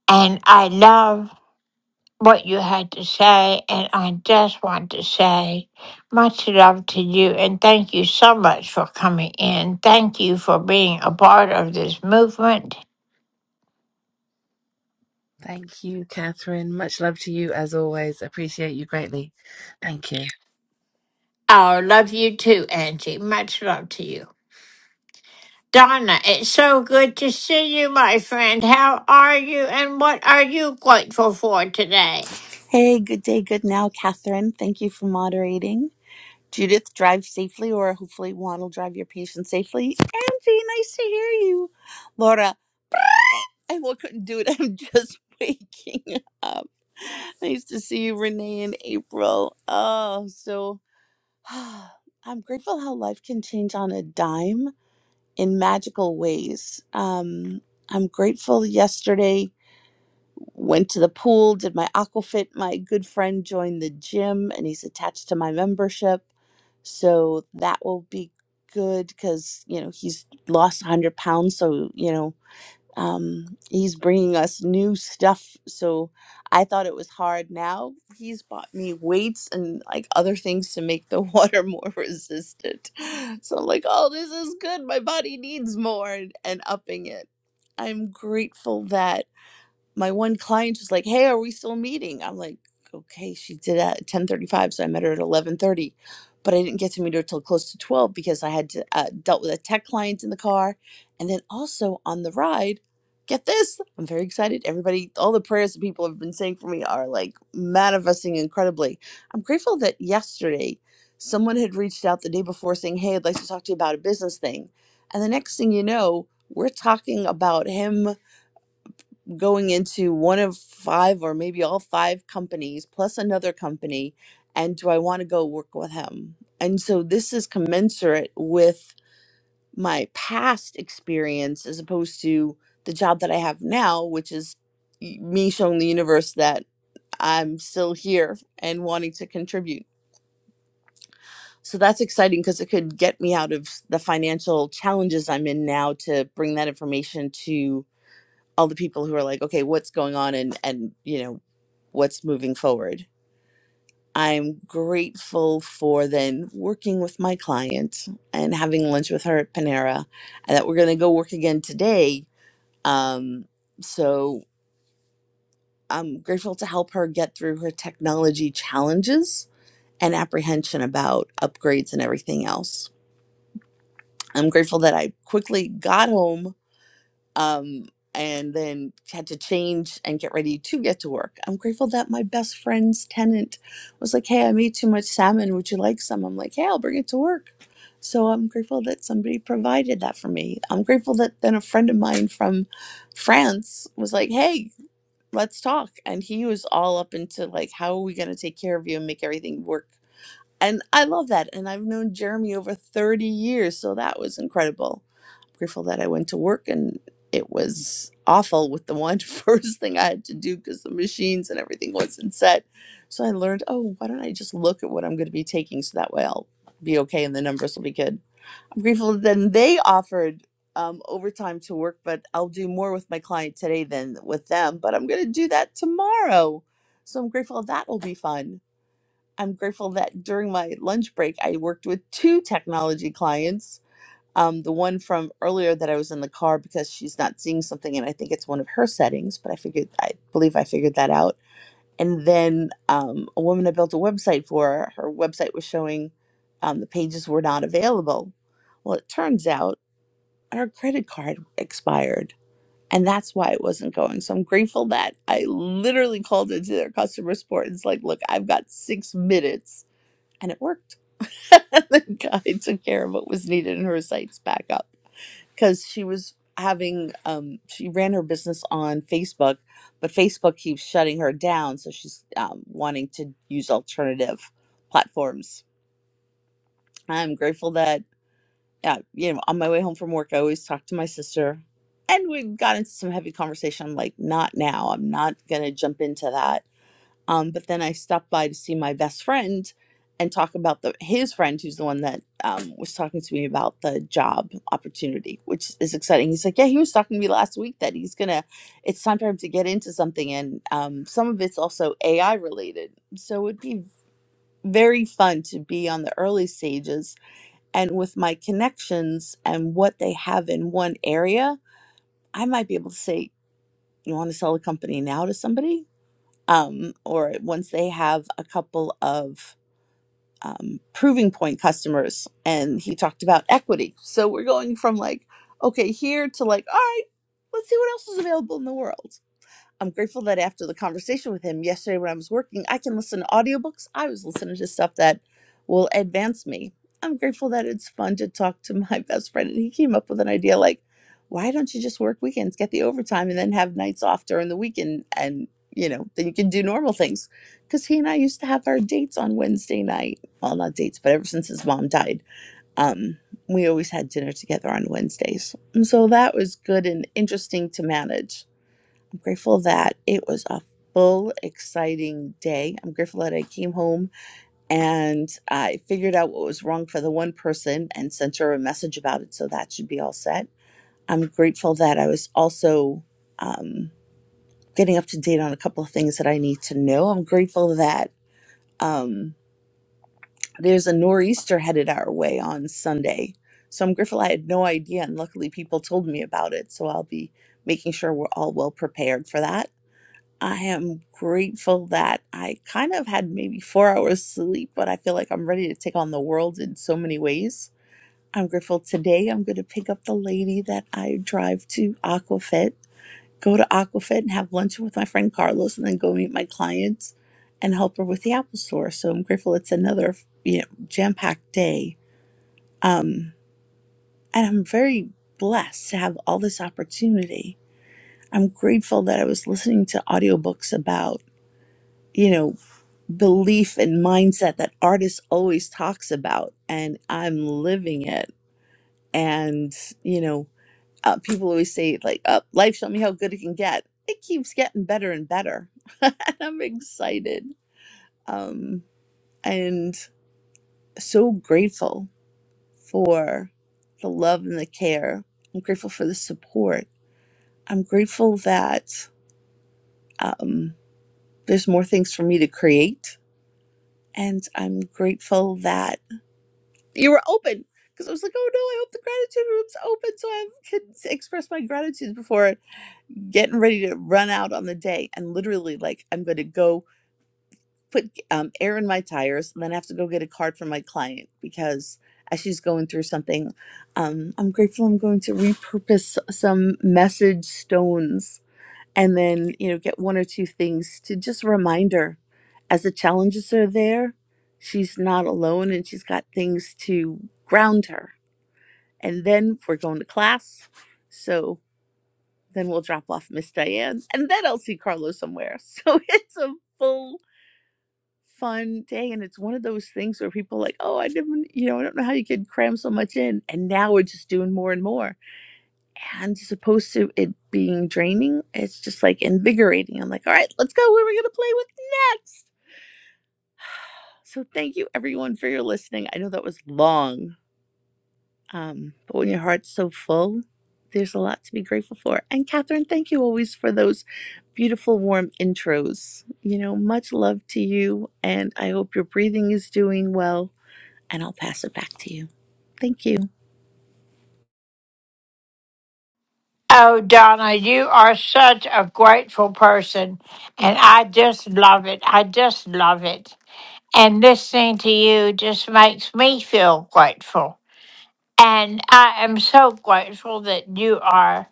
And I love what you had to say. And I just want to say much love to you. And thank you so much for coming in. Thank you for being a part of this movement.
Thank you, Catherine. Much love to you as always. Appreciate you greatly. Thank you.
I love you too, Angie. Much love to you. Donna, it's so good to see you, my friend. How are you and what are you grateful for today?
Hey, good day, good now, Catherine. Thank you for moderating. Judith, drive safely, or hopefully Juan will drive your patient safely. Angie, nice to hear you. Laura, I will couldn't do it. I'm just waking up. Nice to see you, Renee and April. Oh, so I'm grateful how life can change on a dime in magical ways. Um, I'm grateful yesterday went to the pool, did my aquafit. My good friend joined the gym and he's attached to my membership. So that will be good because, you know, he's lost 100 pounds. So, you know, um, he's bringing us new stuff. So I thought it was hard. Now he's bought me weights and like other things to make the water more resistant. So I'm like, oh, this is good. My body needs more and, and upping it. I'm grateful that my one client was like, "Hey, are we still meeting?" I'm like, "Okay." She did at 10:35, so I met her at 11:30, but I didn't get to meet her till close to 12 because I had to uh, dealt with a tech client in the car, and then also on the ride. Get this! I'm very excited. Everybody, all the prayers that people have been saying for me are like manifesting incredibly. I'm grateful that yesterday someone had reached out the day before saying, "Hey, I'd like to talk to you about a business thing," and the next thing you know, we're talking about him going into one of five or maybe all five companies plus another company and do I want to go work with him? And so this is commensurate with my past experience as opposed to the job that I have now, which is y- me showing the universe that I'm still here and wanting to contribute. So that's exciting because it could get me out of s- the financial challenges I'm in now to bring that information to all the people who are like, okay, what's going on and and you know, what's moving forward. I'm grateful for then working with my client and having lunch with her at Panera, and that we're going to go work again today. Um, so I'm grateful to help her get through her technology challenges and apprehension about upgrades and everything else. I'm grateful that I quickly got home um, and then had to change and get ready to get to work. I'm grateful that my best friend's tenant was like, Hey, I made too much salmon. Would you like some? I'm like, Hey, I'll bring it to work. So I'm grateful that somebody provided that for me. I'm grateful that then a friend of mine from France was like, Hey, let's talk. And he was all up into like, How are we going to take care of you and make everything work? and I love that. And I've known Jeremy over 30 years, so that was incredible. I'm grateful that I went to work and it was awful with the one first thing I had to do because the machines and everything wasn't set. So I learned, oh, why don't I just look at what I'm going to be taking so that way I'll be okay and the numbers will be good. I'm grateful that then they offered um, overtime to work, but I'll do more with my client today than with them. But I'm going to do that tomorrow. So I'm grateful that will be fun I'm grateful that during my lunch break, I worked with two technology clients. Um, the one from earlier that I was in the car because she's not seeing something, and I think it's one of her settings, but I figured, I believe I figured that out. And then um, a woman I built a website for, her website was showing um, the pages were not available. Well, it turns out her credit card expired, and that's why it wasn't going. So I'm grateful that I literally called into their customer support and it's like, look, I've got six minutes, and it worked the guy took care of what was needed in her sites back up because she was having um she ran her business on facebook but facebook keeps shutting her down so she's um, wanting to use alternative platforms i'm grateful that yeah you know on my way home from work i always talk to my sister and we got into some heavy conversation i'm like not now i'm not gonna jump into that um, but then I stopped by to see my best friend and talk about the his friend who's the one that um, was talking to me about the job opportunity, which is exciting. He's like, yeah, he was talking to me last week that he's gonna. It's time for him to get into something, and um, some of it's also AI related. So it'd be very fun to be on the early stages, and with my connections and what they have in one area, I might be able to say, you want to sell a company now to somebody um, or once they have a couple of um, proving point customers. And he talked about equity. So we're going from like, okay, here to like, all right, let's see what else is available in the world. I'm grateful that after the conversation with him yesterday when I was working, I can listen to audiobooks. I was listening to stuff that will advance me. I'm grateful that it's fun to talk to my best friend. And he came up with an idea like, why don't you just work weekends, get the overtime, and then have nights off during the weekend? And, you know, then you can do normal things. Because he and I used to have our dates on Wednesday night. Well, not dates, but ever since his mom died, um, we always had dinner together on Wednesdays. And so that was good and interesting to manage I'm grateful that it was a full, exciting day. I'm grateful that I came home and I figured out what was wrong for the one person and sent her a message about it. So that should be all set. I'm grateful that I was also um, getting up to date on a couple of things that I need to know. I'm grateful that um, there's a nor'easter headed our way on Sunday. So I'm grateful I had no idea, and luckily people told me about it. So I'll be making sure we're all well prepared for that. I am grateful that I kind of had maybe four hours sleep, but I feel like I'm ready to take on the world in so many ways. I'm grateful today. I'm going to pick up the lady that I drive to Aquafit, go to Aquafit and have lunch with my friend Carlos, and then go meet my clients and help her with the Apple Store. So I'm grateful it's another you know, jam packed day. Um, and I'm very blessed to have all this opportunity. I'm grateful that I was listening to audiobooks about you know belief and mindset that artists always talks about and i'm living it and you know uh, people always say like uh, life showed me how good it can get it keeps getting better and better and i'm excited um and so grateful for the love and the care i'm grateful for the support i'm grateful that um there's more things for me to create and i'm grateful that you were open because I was like, oh no, I hope the gratitude room's open so I can express my gratitude before getting ready to run out on the day. And literally, like, I'm going to go put um, air in my tires, and then I have to go get a card from my client because as she's going through something, um, I'm grateful I'm going to repurpose some message stones and then, you know, get one or two things to just remind her as the challenges are there, she's not alone and she's got things to ground her and then we're going to class. So then we'll drop off Miss Diane, and then I'll see Carlo somewhere. So it's a full fun day, and it's one of those things where people are like, oh, I didn't, you know, I don't know how you could cram so much in, and now we're just doing more and more. And as opposed to it being draining, it's just like invigorating. I'm like, all right, let's go. Where are we gonna play with next? So thank you everyone for your listening. I know that was long, Um, but when your heart's so full, there's a lot to be grateful for. And Catherine, thank you always for those beautiful, warm intros. You know, much love to you. And I hope your breathing is doing well. And I'll pass it back to you. Thank you.
Oh, Donna, you are such a grateful person, and I just love it. I just love it. and listening to you just makes me feel grateful. And I am so grateful that you are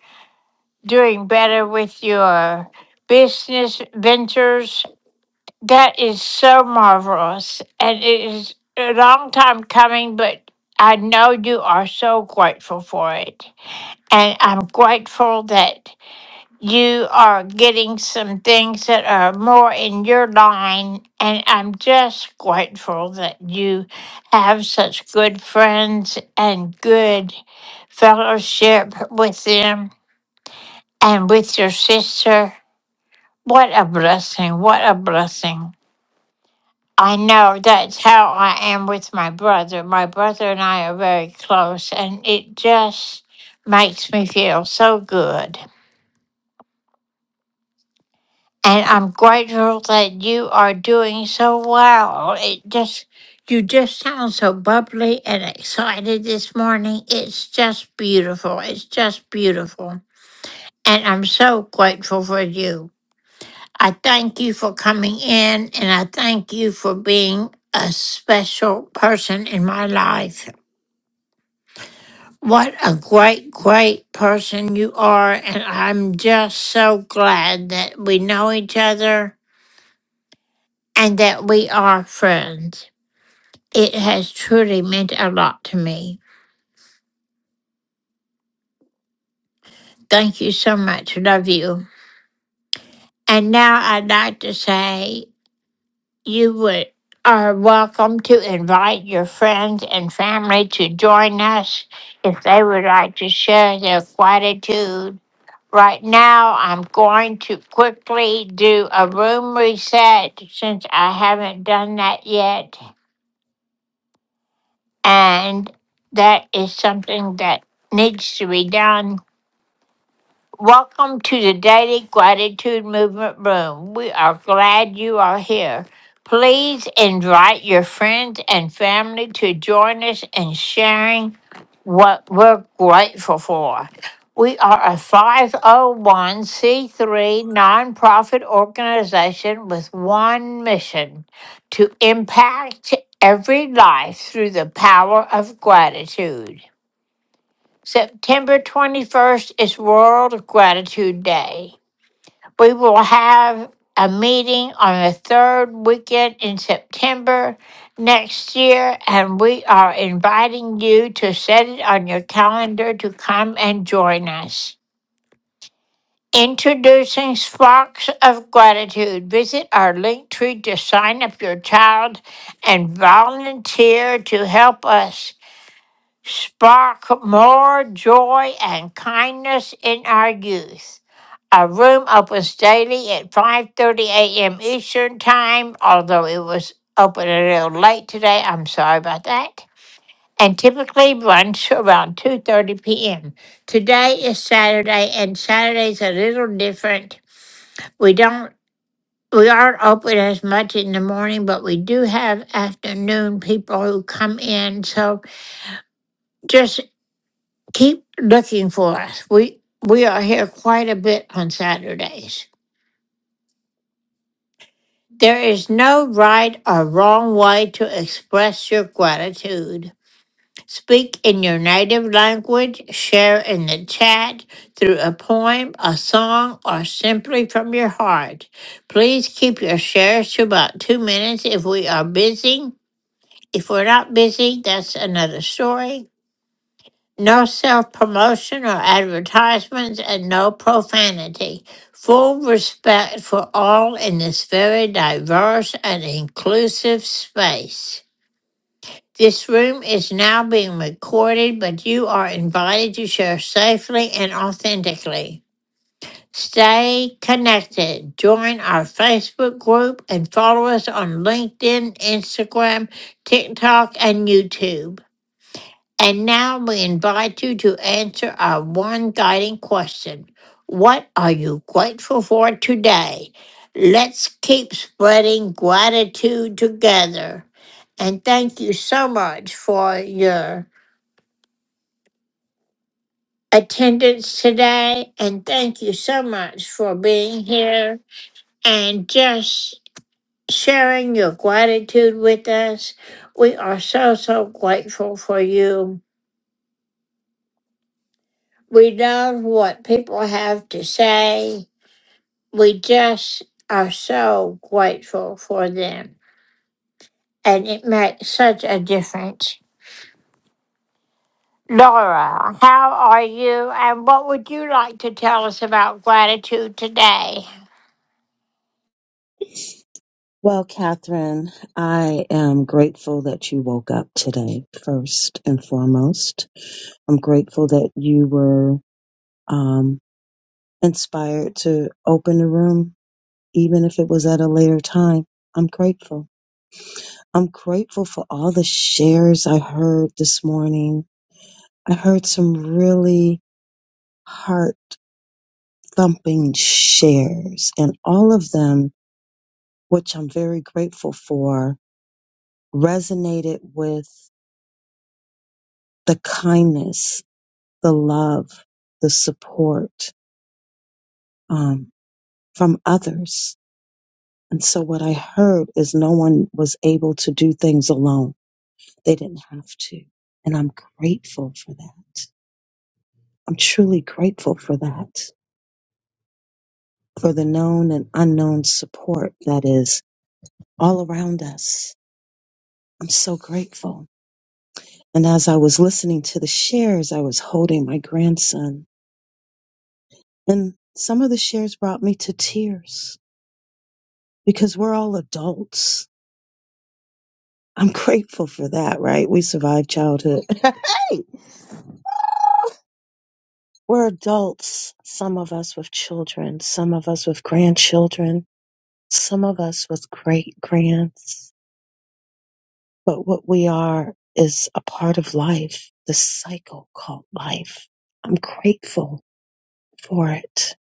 doing better with your business ventures. That is so marvelous. And it is a long time coming, but I know you are so grateful for it. And I'm grateful that you are getting some things that are more in your line. And I'm just grateful that you have such good friends and good fellowship with them and with your sister. What a blessing! What a blessing. I know that's how I am with my brother. My brother and I are very close, and it just makes me feel so good. and I'm grateful that you are doing so well. It just you just sound so bubbly and excited this morning. It's just beautiful. It's just beautiful. And I'm so grateful for you. I thank you for coming in and I thank you for being a special person in my life. What a great, great person you are. And I'm just so glad that we know each other and that we are friends. It has truly meant a lot to me. Thank you so much. Love you. And now I'd like to say you would are welcome to invite your friends and family to join us if they would like to share their gratitude. Right now, I'm going to quickly do a room reset since I haven't done that yet. And that is something that needs to be done. Welcome to the Daily Gratitude Movement Room. We are glad you are here. Please invite your friends and family to join us in sharing what we're grateful for. We are a 501c3 nonprofit organization with one mission to impact every life through the power of gratitude. September 21st is World Gratitude Day. We will have a meeting on the third weekend in September next year, and we are inviting you to set it on your calendar to come and join us. Introducing Sparks of Gratitude. Visit our link tree to sign up your child and volunteer to help us spark more joy and kindness in our youth. Our room opens daily at 5:30 a.m. Eastern Time, although it was open a little late today. I'm sorry about that. And typically runs to around 2:30 p.m. Today is Saturday, and Saturday's a little different. We don't we aren't open as much in the morning, but we do have afternoon people who come in. So just. keep looking for us. We we are here quite a bit on Saturdays. There is no right or wrong way to express your gratitude. Speak in your native language, share in the chat through a poem, a song, or simply from your heart. Please keep your shares to about two minutes if we are busy. If we're not busy, that's another story. No self promotion or advertisements and no profanity. Full respect for all in this very diverse and inclusive space. This room is now being recorded, but you are invited to share safely and authentically. Stay connected. Join our Facebook group and follow us on LinkedIn, Instagram, TikTok, and YouTube. And now we invite you to answer our one guiding question What are you grateful for today? Let's keep spreading gratitude together. And thank you so much for your attendance today. And thank you so much for being here and just sharing your gratitude with us. We are so, so grateful for you. We love what people have to say we just are so grateful for them, and it makes such a difference. Laura, how are you, and what would you like to tell us about gratitude today?
Well, Catherine, I am grateful that you woke up today, first and foremost. I'm grateful that you were um, inspired to open the room, even if it was at a later time. I'm grateful. I'm grateful for all the shares I heard this morning. I heard some really heart thumping shares, and all of them which I'm very grateful for, resonated with the kindness, the love, the support um, from others. And so what I heard is no one was able to do things alone. They didn't have to. And I'm grateful for that. I'm truly grateful for that, for the known and unknown support that is all around us. I'm so grateful. And as I was listening to the shares, I was holding my grandson And some of the shares brought me to tears because we're all adults. I'm grateful for that, right? We survived childhood. hey! Ah! We're adults. Some of us with children, some of us with grandchildren, some of us with great grands. But what we are is a part of life, the cycle called life. I'm grateful for it.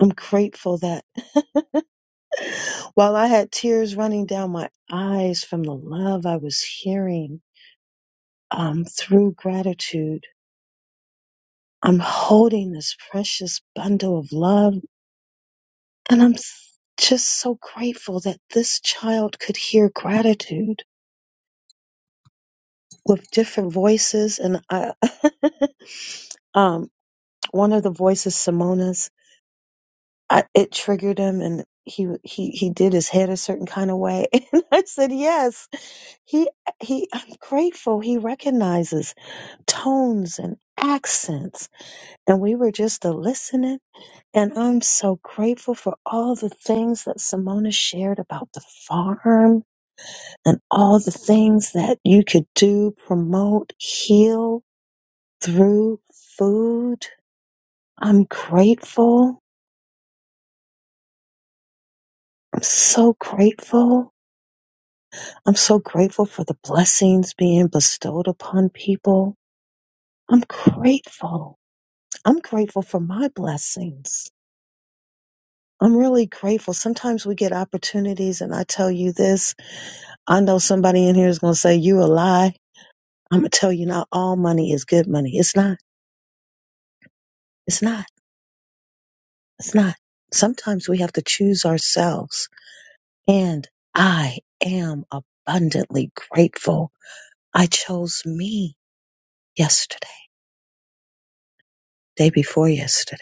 I'm grateful that While I had tears running down my eyes from the love I was hearing um, through gratitude, I'm holding this precious bundle of love and I'm s- just so grateful that this child could hear gratitude with different voices. And I, um, one of the voices, Simona's, I, it triggered him and he, he, he did his head a certain kind of way. And I said, yes, He, he, I'm grateful he recognizes tones and accents. And we were just a listening. And I'm so grateful for all the things that Simona shared about the farm and all the things that you could do, promote, heal through food. I'm grateful. I'm so grateful. I'm so grateful for the blessings being bestowed upon people. I'm grateful. I'm grateful for my blessings. I'm really grateful. Sometimes we get opportunities, and I tell you this. I know somebody in here is going to say, You a lie. I'm going to tell you not all money is good money. It's not. It's not. It's not. Sometimes we have to choose ourselves. And I am abundantly grateful. I chose me yesterday, day before yesterday.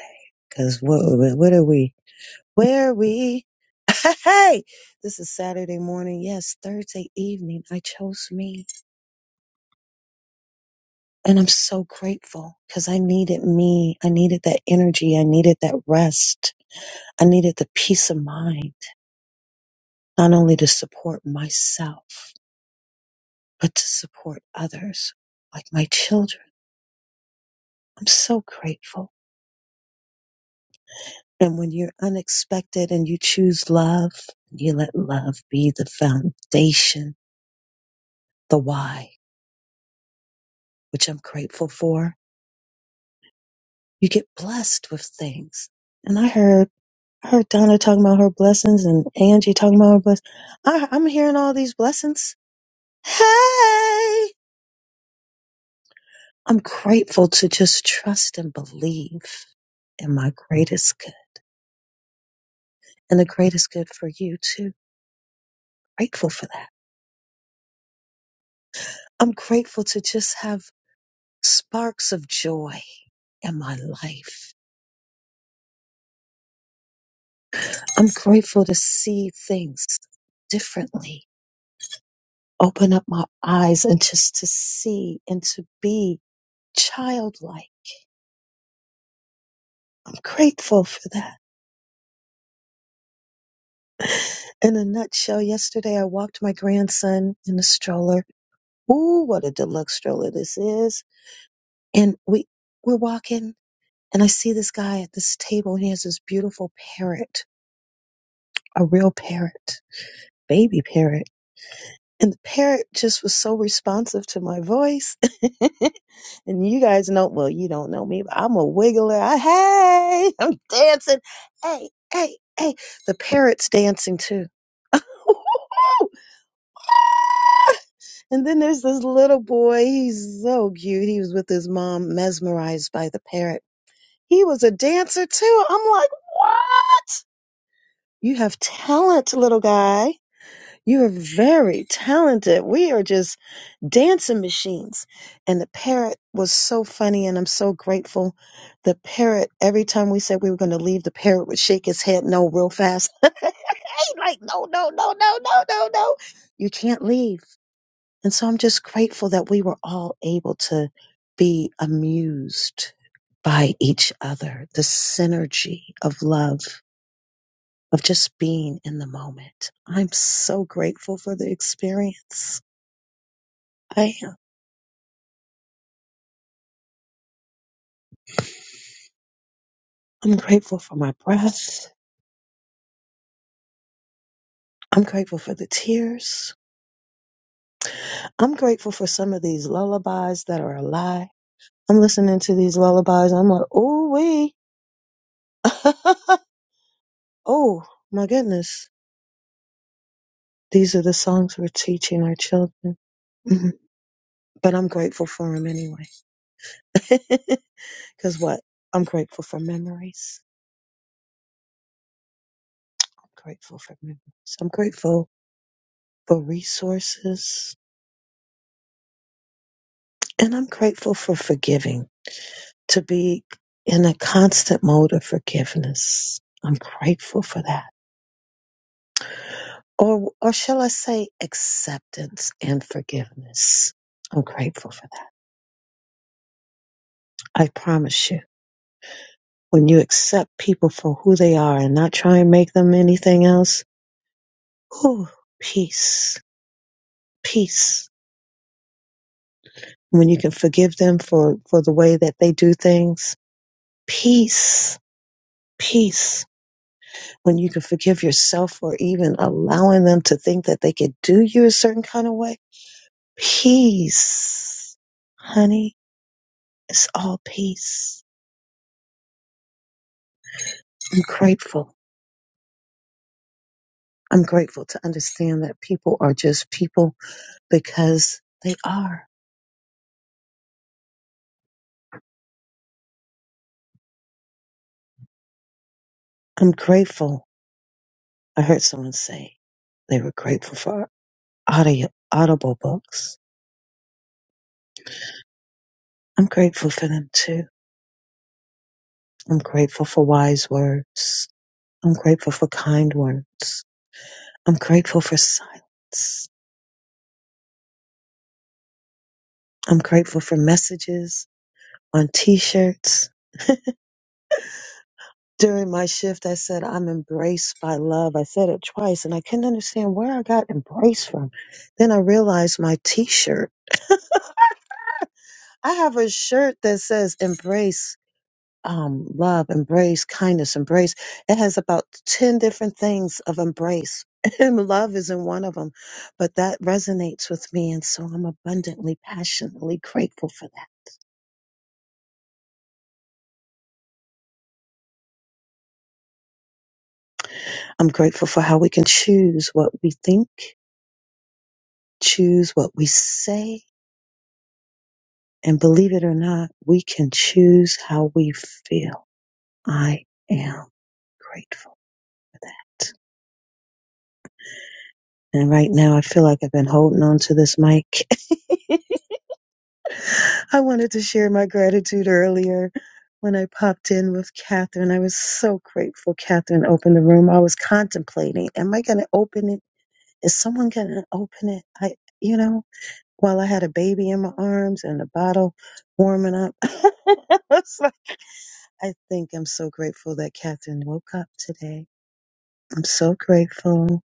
Because what, what are we? where we hey this is saturday morning yes thursday evening i chose me and i'm so grateful because i needed me i needed that energy i needed that rest i needed the peace of mind not only to support myself but to support others like my children i'm so grateful and when you're unexpected and you choose love you let love be the foundation the why which i'm grateful for you get blessed with things. And I heard I heard Donna talking about her blessings and Angie talking about her blessings. I, I'm hearing all these blessings. Hey, I'm grateful to just trust and believe in my greatest good and the greatest good for you too. Grateful for that. I'm grateful to just have sparks of joy in my life. I'm grateful to see things differently open up my eyes and just to see and to be childlike. I'm grateful for that. In a nutshell, yesterday I walked my grandson in a stroller. Ooh, what a deluxe stroller this is. And we, we're walking and I see this guy at this table and he has this beautiful parrot, a real parrot, baby parrot. And the parrot just was so responsive to my voice. And you guys know, well, you don't know me, but I'm a wiggler. I, hey, I'm dancing. Hey, hey, hey. The parrot's dancing too. and then there's this little boy. He's so cute. He was with his mom, mesmerized by the parrot. He was a dancer too. I'm like, wow. You have talent, little guy. You are very talented. We are just dancing machines. And the parrot was so funny, and I'm so grateful. The parrot, every time we said we were going to leave, the parrot would shake his head no real fast. He's like, no, no, no, no, no, no, no. You can't leave. And so I'm just grateful that we were all able to be amused by each other, the synergy of love of just being in the moment. I'm so grateful for the experience. I am. I'm grateful for my breath. I'm grateful for the tears. I'm grateful for some of these lullabies that are a lie. I'm listening to these lullabies. I'm like, oh wee. oh my goodness. These are the songs we're teaching our children. Mhm. But I'm grateful for them anyway. Because what? I'm grateful for memories. I'm grateful for memories. I'm grateful for resources. And I'm grateful for forgiving, to be in a constant mode of forgiveness. I'm grateful for that. Or, or shall I say acceptance and forgiveness? I'm grateful for that. I promise you, when you accept people for who they are and not try and make them anything else, whew, peace, peace. When you can forgive them for, for the way that they do things, peace, peace when you can forgive yourself for even allowing them to think that they could do you a certain kind of way, peace, honey, it's all peace. I'm grateful. I'm grateful to understand that people are just people because they are. I'm grateful. I heard someone say they were grateful for audio, audible books. I'm grateful for them too. I'm grateful for wise words. I'm grateful for kind words. I'm grateful for silence. I'm grateful for messages on t shirts. During my shift, I said, I'm embraced by love. I said it twice and I couldn't understand where I got embraced from. Then I realized my t shirt. I have a shirt that says embrace um, love, embrace kindness, embrace. It has about 10 different things of embrace. And love isn't one of them, but that resonates with me. And so I'm abundantly, passionately grateful for that. I'm grateful for how we can choose what we think choose what we say. And believe it or not, we can choose how we feel. I am grateful for that. And right now, I feel like I've been holding on to this mic. I wanted to share my gratitude earlier when I popped in with Catherine. I was so grateful Catherine opened the room. I was contemplating, am I going to open it? Is someone going to open it? I, you know, while I had a baby in my arms and a bottle warming up. I think I'm so grateful that Catherine woke up today. I'm so grateful.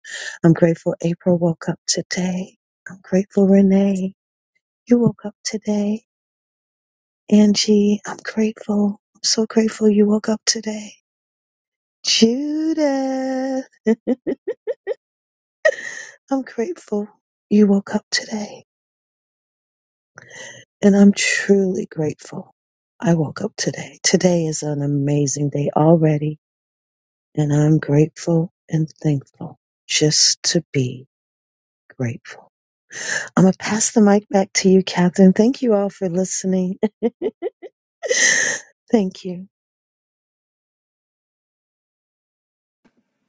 I'm grateful April woke up today. I'm grateful Renee, you woke up today. Angie, I'm grateful. I'm so grateful you woke up today. Judith, I'm grateful you woke up today. And I'm truly grateful I woke up today. Today is an amazing day already. And I'm grateful and thankful just to be grateful. I'm going to pass the mic back to you, Catherine. Thank you all for listening. Thank you.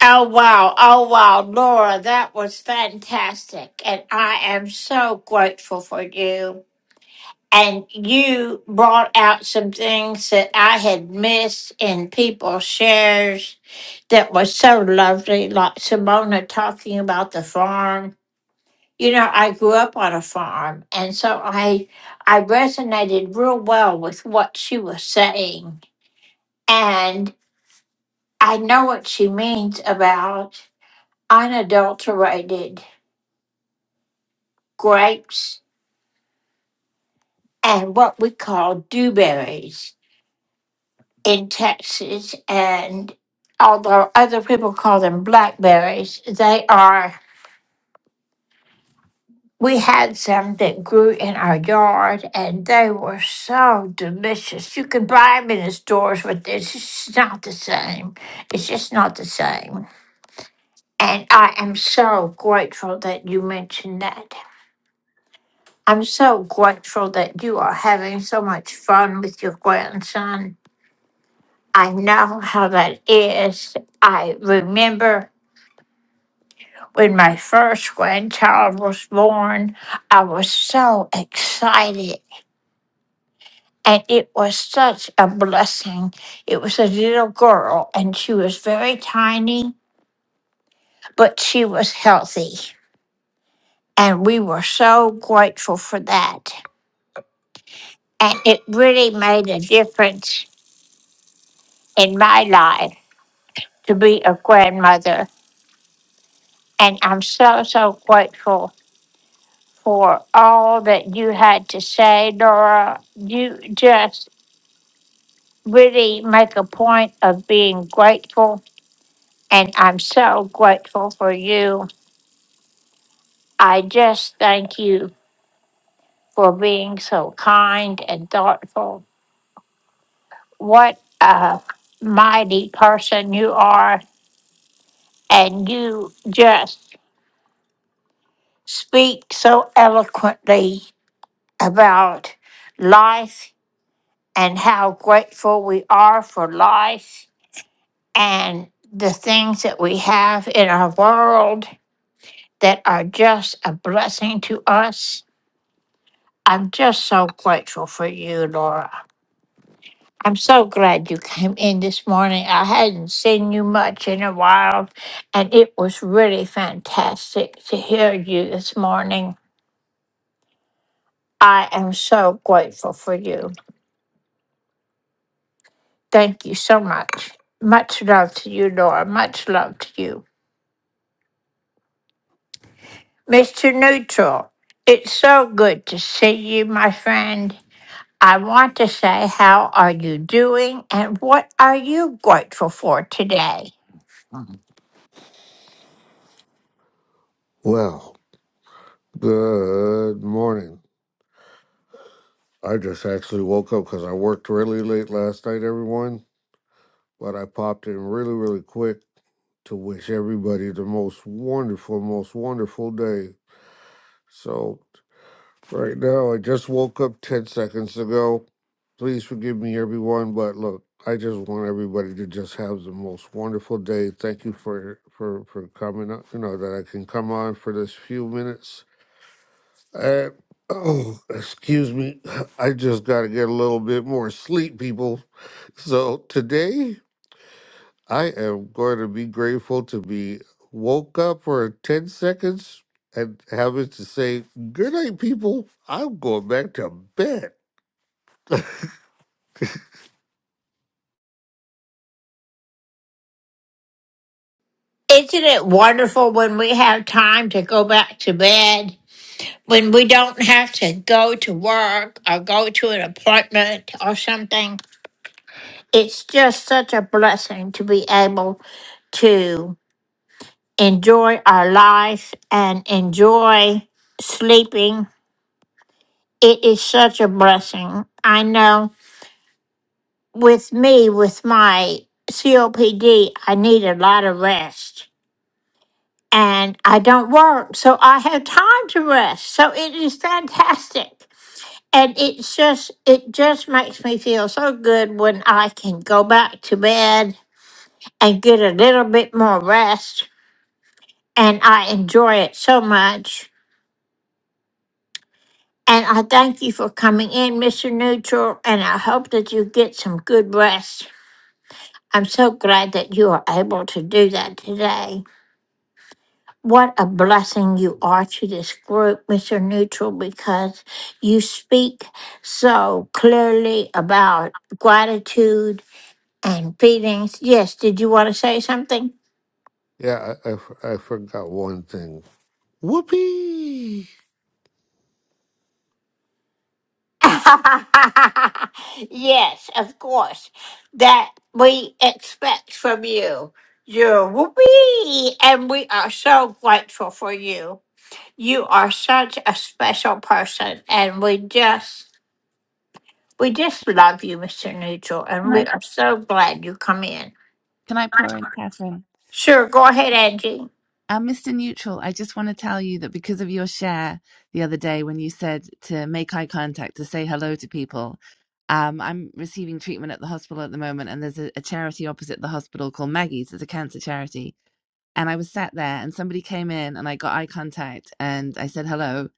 Oh, wow. Oh, wow. Laura, that was fantastic. And I am so grateful for you. And you brought out some things that I had missed in people's shares that was so lovely, like Simona talking about the farm you know i grew up on a farm and so i i resonated real well with what she was saying and i know what she means about unadulterated grapes and what we call dewberries in texas and although other people call them blackberries they are We had some that grew in our yard and they were so delicious. You could buy them in the stores, but it's just not the same. It's just not the same. And I am so grateful that you mentioned that. I'm so grateful that you are having so much fun with your grandson. I know how that is. I remember when my first grandchild was born, I was so excited. And it was such a blessing. It was a little girl, and she was very tiny, but she was healthy. And we were so grateful for that. And it really made a difference in my life to be a grandmother. And I'm so, so grateful for all that you had to say, Laura. You just really make a point of being grateful. And I'm so grateful for you I just thank you for being so kind and thoughtful. What a mighty person you are, and you just speak so eloquently about life and how grateful we are for life and the things that we have in our world that are just a blessing to us. I'm just so grateful for you, Laura. I'm so glad you came in this morning. I hadn't seen you much in a while, and it was really fantastic to hear you this morning. I am so grateful for you. Thank you so much. Much love to you, Laura. Much love to you. Mr. Neutral, it's so good to see you, my friend. I want to say, how are you doing and what are you grateful for today?
Well, good morning. I just actually woke up because I worked really late last night, everyone. But I popped in really, really quick to wish everybody the most wonderful, most wonderful day. So, right now, I just woke up 10 seconds ago. Please forgive me, everyone. But look, I just want everybody to just have the most wonderful day. Thank you for for for coming up. You know that I can come on for this few minutes Uh, oh, excuse me. I just got to get a little bit more sleep, people. So today I am going to be grateful to be woke up for 10 seconds and having to say, Good night, people. I'm going back to bed.
Isn't it wonderful when we have time to go back to bed? When we don't have to go to work or go to an appointment or something? It's just such a blessing to be able to enjoy our life and enjoy sleeping. It is such a blessing. I know with me, with my COPD, I need a lot of rest and I don't work, so I have time to rest. So it is fantastic. And it's just it just makes me feel so good when I can go back to bed and get a little bit more rest. And I enjoy it so much. And I thank you for coming in, Mr. Neutral, and I hope that you get some good rest. I'm so glad that you are able to do that today. what a blessing you are to this group, Mr. Neutral, because you speak so clearly about gratitude and feelings. Yes, did you want to say something?
Yeah, I, I f- I forgot one thing. Whoopee!
yes, of course. That we expect from you. You're whoopee, and we are so grateful for you. You are such a special person, and we just We just love you, Mr. Neutral, and
Can
we
I,
are so glad you come in.
can I pour in, Catherine?
Sure, go ahead, Angie.
And Mr. Neutral, I just want to tell you that because of your share the other day when you said to make eye contact, to say hello to people, um, I'm receiving treatment at the hospital at the moment, and there's a, a charity opposite the hospital called Maggie's. It's a cancer charity. And I was sat there, and somebody came in, and I got eye contact, and I said hello.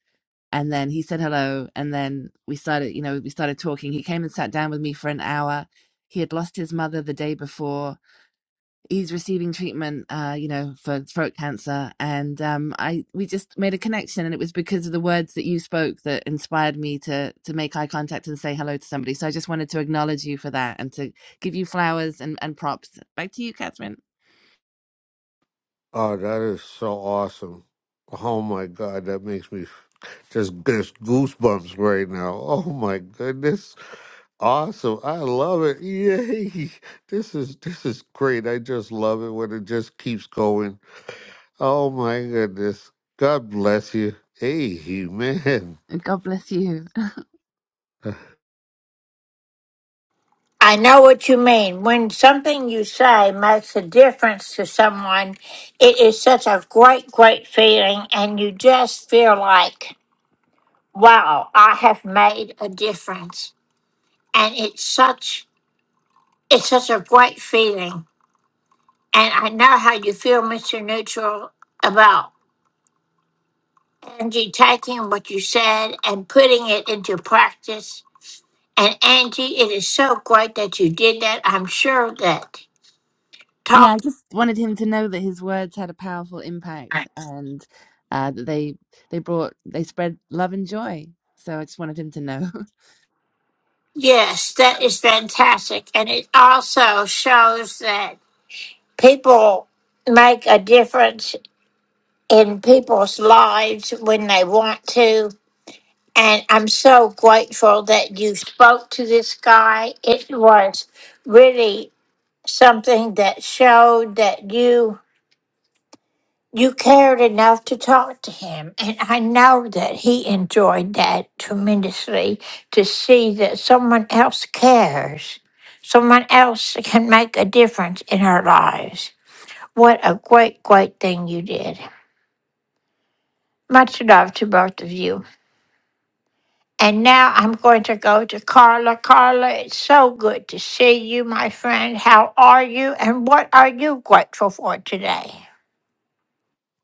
And then he said hello, and then we started, you know, we started talking. He came and sat down with me for an hour. He had lost his mother the day before he's receiving treatment uh you know for throat cancer and um i we just made a connection and it was because of the words that you spoke that inspired me to to make eye contact and say hello to somebody so i just wanted to acknowledge you for that and to give you flowers and and props back to you catherine
Oh, that is so awesome. Oh my God, that makes me f- just just goosebumps right now. Oh my goodness. Awesome. I love it. Yay. This is this is great. I just love it when it just keeps going. Oh my goodness. God bless you. Amen.
god bless you
I know what you mean. When something you say makes a difference to someone, it is such a great, great feeling, and you just feel like, wow, I have made a difference. And it's such it's such a great feeling. And I know how you feel, Mr. Neutral, about Angie taking what you said and putting it into practice And Angie, it is so great that you did that. I'm sure that
yeah i
talk.
just wanted him to know that his words had a powerful impact and uh that they they brought they spread love and joy so i just wanted him to know
Yes, that is fantastic. And it also shows that people make a difference in people's lives when they want to. And I'm so grateful that you spoke to this guy. It was really something that showed that you you cared enough to talk to him. And I know that he enjoyed that tremendously to see that someone else cares, someone else can make a difference in our lives. What a great, great thing you did. Much love to both of you. And now I'm going to go to Carla. Carla, it's so good to see you, my friend. How are you? And what are you grateful for today?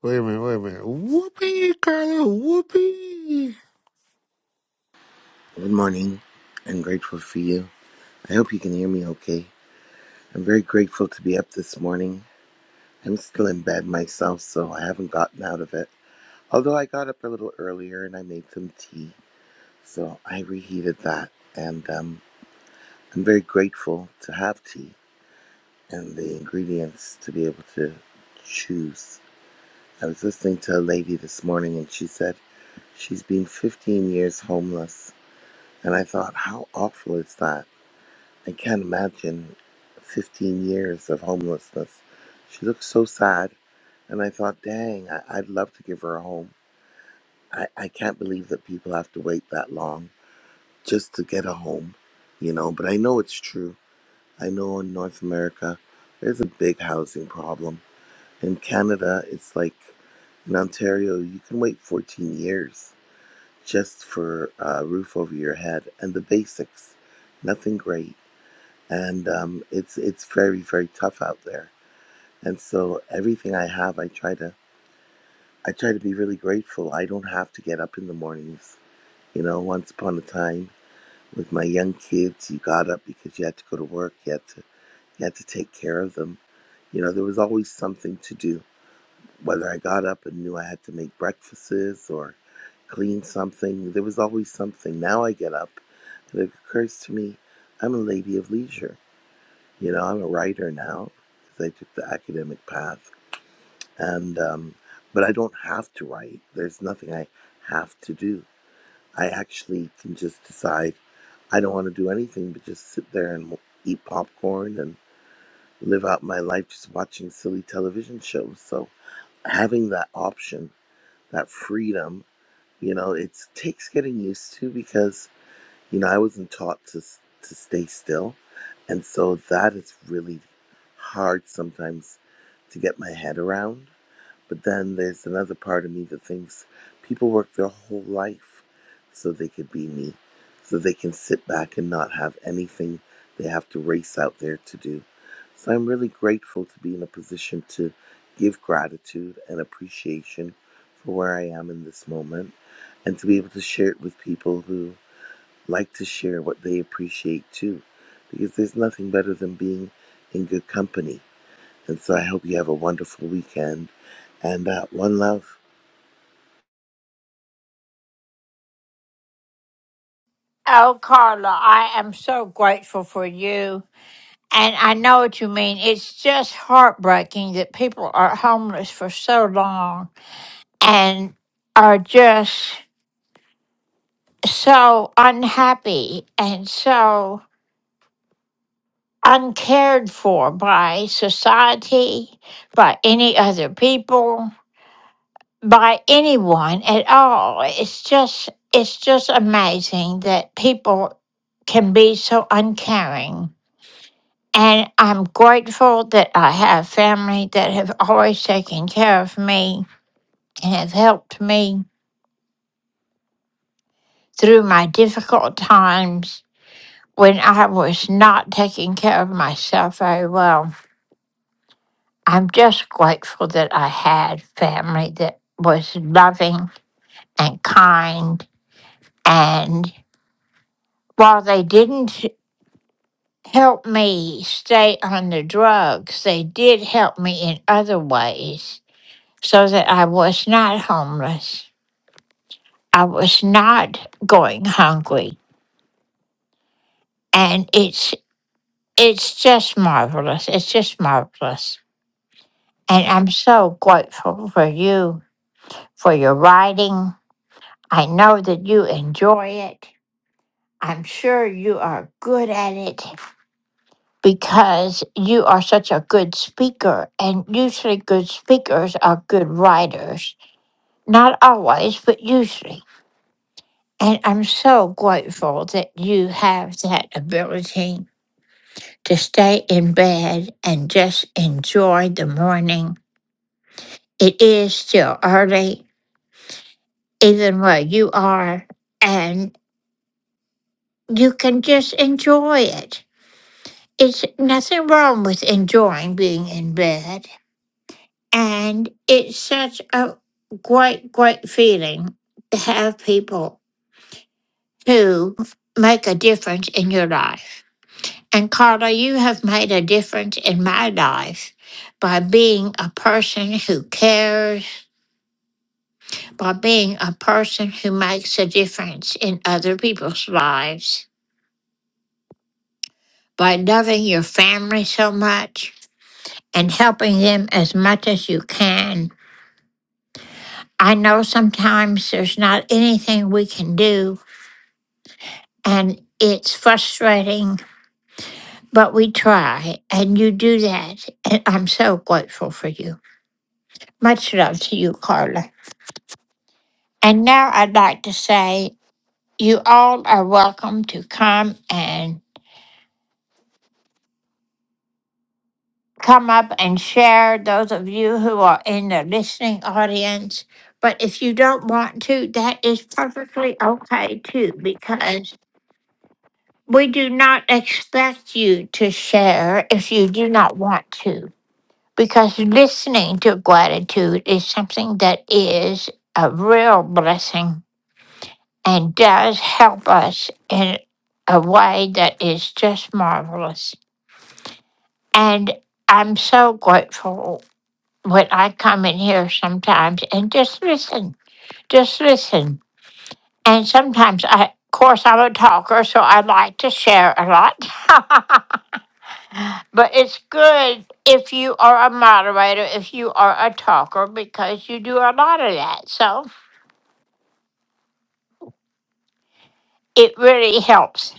Wait a minute, wait a minute. Whoopee, Carla, whoopee.
Good morning. I'm grateful for you. I hope you can hear me okay. I'm very grateful to be up this morning. I'm still in bed myself, so I haven't gotten out of it. Although I got up a little earlier and I made some tea, so I reheated that. And um, I'm very grateful to have tea and the ingredients to be able to choose. I was listening to a lady this morning and she said she's been 15 years homeless. And I thought, how awful is that? I can't imagine 15 years of homelessness. She looked so sad, and I thought, dang, I- I'd love to give her a home. I-, I can't believe that people have to wait that long just to get a home, you know, but I know it's true. I know in North America, there's a big housing problem. In Canada, it's like in Ontario, you can wait 14 years just for a roof over your head and the basics. Nothing great and um, it's it's very very tough out there. And so everything I have, I try to I try to be really grateful. I don't have to get up in the mornings. You know, once upon a time with my young kids, you got up because you had to go to work. You had to you had to take care of them. You know, there was always something to do. Whether I got up and knew I had to make breakfasts or clean something, there was always something. Now I get up and it occurs to me I'm a lady of leisure You know, I'm a writer now because I took the academic path, and um, but I don't have to write. There's nothing I have to do. I actually can just decide I don't want to do anything but just sit there and eat popcorn and live out my life just watching silly television shows. So having that option, that freedom, you know, it takes getting used to because you know, I wasn't taught to s- to stay still, and so that is really hard sometimes to get my head around. But then there's another part of me that thinks people work their whole life so they could be me, so they can sit back and not have anything they have to race out there to do. So I'm really grateful to be in a position to give gratitude and appreciation for where I am in this moment and to be able to share it with people who like to share what they appreciate too, because there's nothing better than being in good company. And so I hope you have a wonderful weekend and uh, one love.
Oh, Carla, I am so grateful for you. And I know what you mean. It's just heartbreaking that people are homeless for so long and are just so unhappy and so uncared for by society, by any other people, by anyone at all. It's just it's just amazing that people can be so uncaring And I'm grateful that I have family that have always taken care of me and have helped me through my difficult times when I was not taking care of myself very well. I'm just grateful that I had family that was loving and kind. And while they didn't help me stay on the drugs, they did help me in other ways so that I was not homeless. I was not going hungry. And it's it's just marvelous. It's just marvelous. And I'm so grateful for you, for your writing. I know that you enjoy it. I'm sure you are good at it because you are such a good speaker. And usually, good speakers are good writers. Not always, but usually. And I'm so grateful that you have that ability. to stay in bed and just enjoy the morning. It is still early, even where you are, and you can just enjoy it. It's nothing wrong with enjoying being in bed. And it's such a great, great feeling to have people who make a difference in your life. And Carla, you have made a difference in my life by being a person who cares by being a person who makes a difference in other people's lives, by loving your family so much and helping them as much as you can. I know sometimes there's not anything we can do and it's frustrating, but we try and you do that. And I'm so grateful for you. Much love to you, Carla. And now I'd like to say you all are welcome to come and come up and share, those of you who are in the listening audience. But if you don't want to, that is perfectly okay too, because we do not expect you to share if you do not want to, because listening to gratitude is something that is a real blessing and does help us in a way that is just marvelous. And I'm so grateful But I come in here sometimes and just listen, just listen. And sometimes I, of course, I'm a talker, so I like to share a lot. but it's good if you are a moderator, if you are a talker, because you do a lot of that. So it really helps.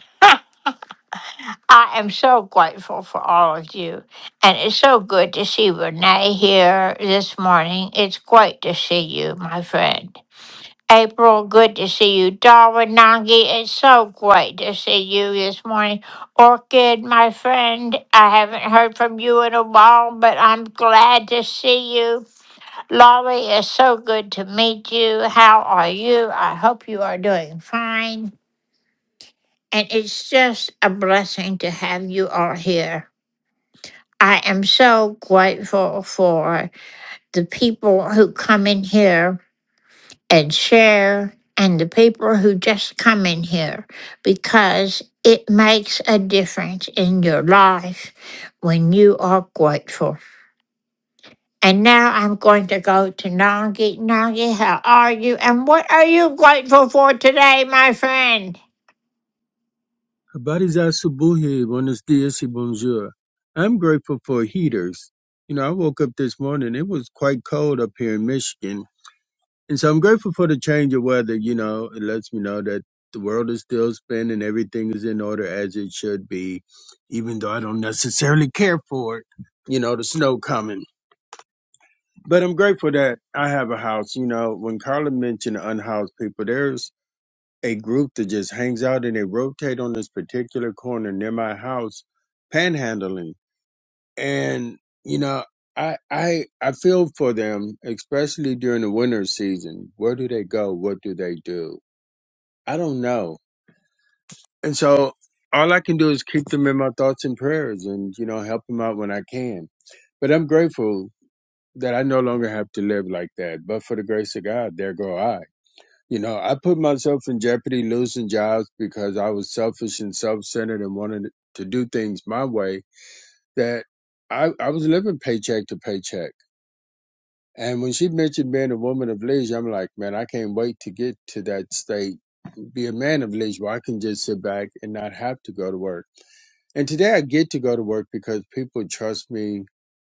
I am so grateful for all of you. And it's so good to see Renee here this morning. It's great to see you, my friend. April, good to see you. Darwin Nangi, it's so great to see you this morning. Orchid, my friend, I haven't heard from you in a while, but I'm glad to see you. Laurie, it's so good to meet you. How are you? I hope you are doing fine. And it's just a blessing to have you all here. I am so grateful for the people who come in here and share and the people who just come in here because it makes a difference in your life when you are grateful. And now I'm going to go to Nangi. Nangi, how are you? And what are you grateful for today, my friend?
Habari za asubuhi, buenos dias y bonjour. I'm grateful for heaters. You know, I woke up this morning, it was quite cold up here in Michigan. And so I'm grateful for the change of weather. You know, it lets me know that the world is still spinning, everything is in order as it should be, even though I don't necessarily care for it. You know, the snow coming. But I'm grateful that I have a house. You know, when Carla mentioned unhoused people, there's a group that just hangs out and they rotate on this particular corner near my house panhandling and you know i i i feel for them especially during the winter season where do they go what do they do i don't know and so all i can do is keep them in my thoughts and prayers and you know help them out when i can but i'm grateful that i no longer have to live like that but for the grace of god there go i You know, I put myself in jeopardy losing jobs because I was selfish and self centered and wanted to do things my way that I, I was living paycheck to paycheck. And when she mentioned being a woman of leisure, I'm like, man, I can't wait to get to that state, be a man of leisure where I can just sit back and not have to go to work. And today I get to go to work because people trust me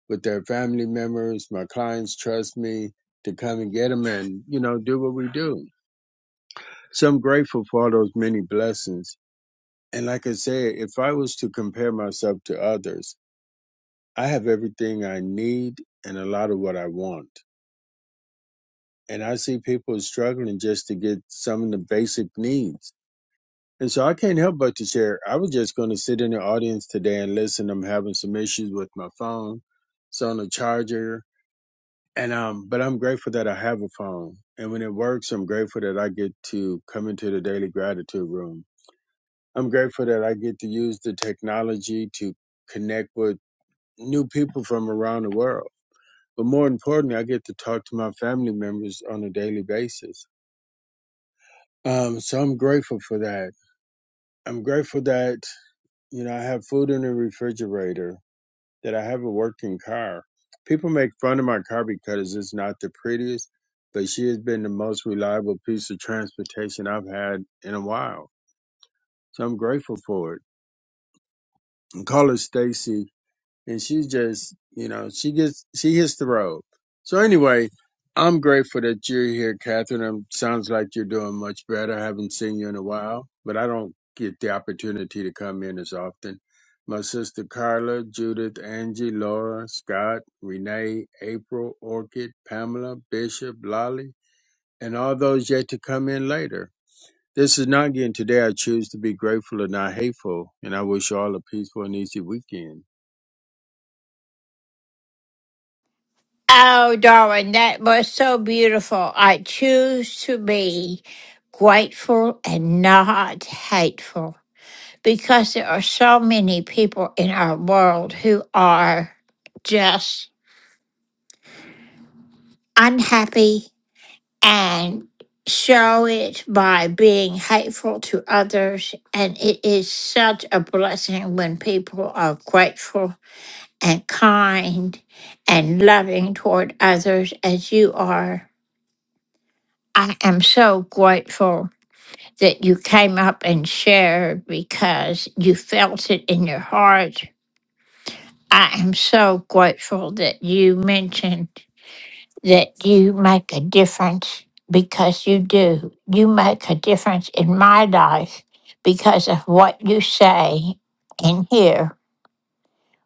with their family members. My clients trust me to come and get them and, you know, do what we do. So I'm grateful for all those many blessings. And like I said, if I was to compare myself to others, I have everything I need and a lot of what I want. And I see people struggling just to get some of the basic needs. And so I can't help but to share. I was just going to sit in the audience today and listen. I'm having some issues with my phone. It's on a charger. And um, but I'm grateful that I have a phone. And when it works, I'm grateful that I get to come into the daily gratitude room I'm grateful that I get to use the technology to connect with new people from around the world. But more importantly, I get to talk to my family members on a daily basis. Um, so I'm grateful for that. I'm grateful that, you know, I have food in the refrigerator, that I have a working car. People make fun of my car because it's not the prettiest, but she has been the most reliable piece of transportation I've had in a while. So I'm grateful for it. And call her Stacy and she just you know she gets she hits the road so anyway i'm grateful that you're here catherine Um sounds like you're doing much better i haven't seen you in a while but i don't get the opportunity to come in as often my sister carla judith angie laura scott renee april orchid pamela bishop lolly and all those yet to come in later this is not again today i choose to be grateful and not hateful and i wish you all a peaceful and easy weekend
Oh, darling, that was so beautiful. I choose to be grateful and not hateful. because there are so many people in our world who are just unhappy and show it by being hateful to others. And it is such a blessing when people are grateful and kind and loving toward others as you are. I am so grateful that you came up and shared because you felt it in your heart I am so grateful that you mentioned that you make a difference because you do. You make a difference in my life because of what you say and here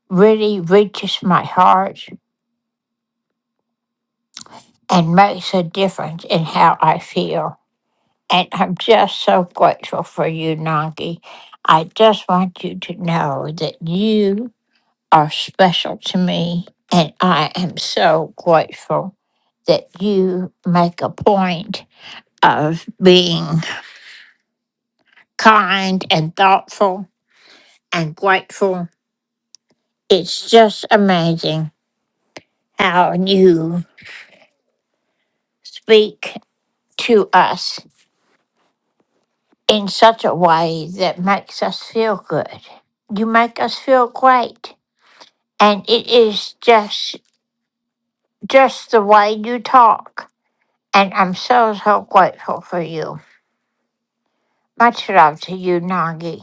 really reaches my heart and makes a difference in how I feel. And I'm just so grateful for you, Nangi. I just want you to know that you are special to me, and I am so grateful that you make a point of being kind and thoughtful and grateful. It's just amazing how you speak to us in such a way that makes us feel good. You make us feel great, and it is just just the way you talk. And I'm so so grateful for you. Much love to you, Nagi.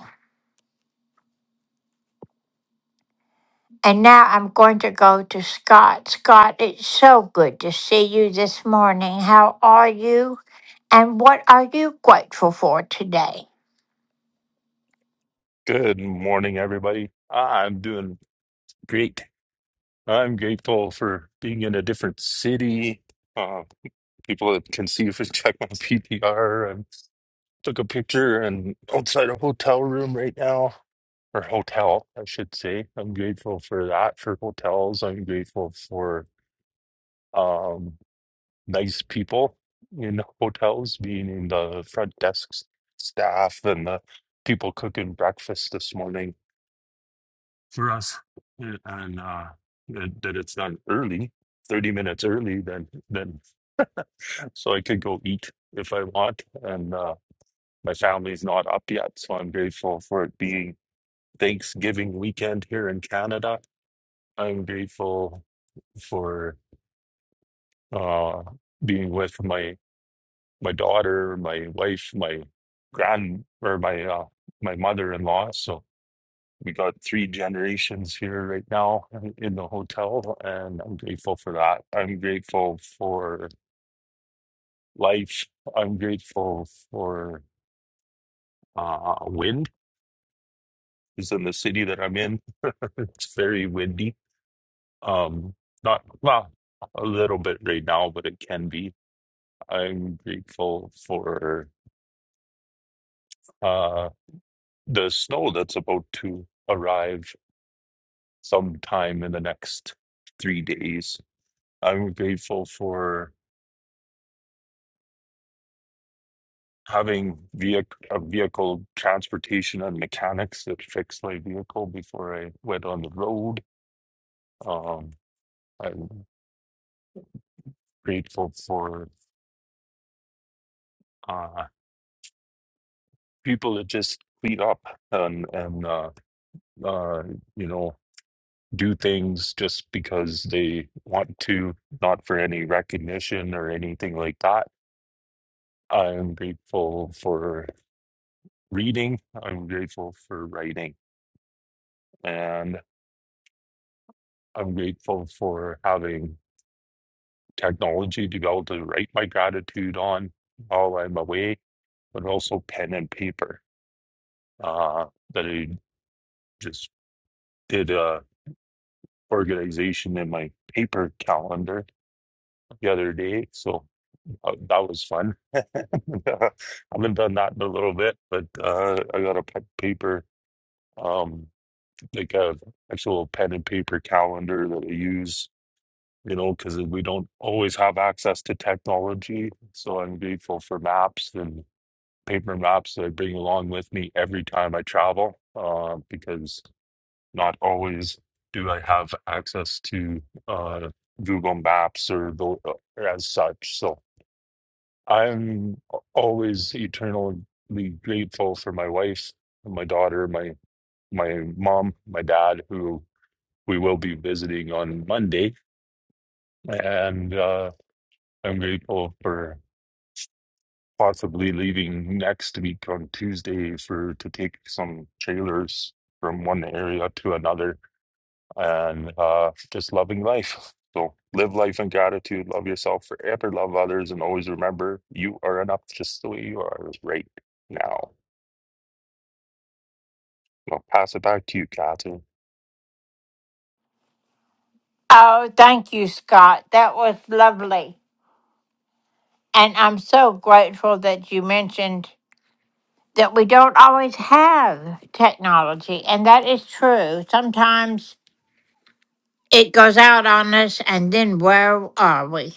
And now I'm going to go to Scott. Scott, it's so good to see you this morning. How are you? And what are you grateful for today?
Good morning, everybody. I'm doing great. I'm grateful for being in a different city. Uh, people that can see if you check my PTR. I took a picture and outside a hotel room right now, or hotel, I should say. I'm grateful for that, for hotels. I'm grateful for um, nice people in hotels, being in the front desk staff and the people cooking breakfast this morning for us, uh, and uh, that, that it's done early, thirty minutes early. Then then so I could go eat if I want, and uh, my family's not up yet, so I'm grateful for it being Thanksgiving weekend here in Canada. I'm grateful for uh, being with my my daughter, my wife, my grand or my uh, my mother-in-law. So we got three generations here right now in the hotel, and I'm grateful for that. I'm grateful for life. I'm grateful for uh, wind. Is in the city that I'm in. It's very windy. Um, not well, a little bit right now, but it can be. I'm grateful for uh the snow that's about to arrive sometime in the next three days. I'm grateful for having vehicle, a vehicle transportation and mechanics that fix my vehicle before I went on the road. Um, I'm grateful for uh, people that just clean up and and uh, uh, you know do things just because they want to, not for any recognition or anything like that. I'm grateful for reading. I'm grateful for writing, and I'm grateful for having technology to be able to write my gratitude on while I'm away, but also pen and paper. Uh, that I just did a organization in my paper calendar the other day, so uh, that was fun. I haven't done that in a little bit, but uh, I got a pe- paper, um, like a actual pen and paper calendar that I use. You know, because we don't always have access to technology, so I'm grateful for maps and paper maps that I bring along with me every time I travel uh, because not always do I have access to uh, Google Maps or the or as such. So I'm always eternally grateful for my wife, my daughter, my my mom, my dad, who we will be visiting on Monday, and uh, I'm grateful for possibly leaving next week on Tuesday for to take some trailers from one area to another and uh just loving life. So live life in gratitude, love yourself forever, love others, and always remember you are enough just the way you are right now. I'll pass it back to you, Catherine.
Oh, thank you, Scott. That was lovely. And I'm so grateful that you mentioned that we don't always have technology. And that is true. Sometimes it goes out on us, and then where are we?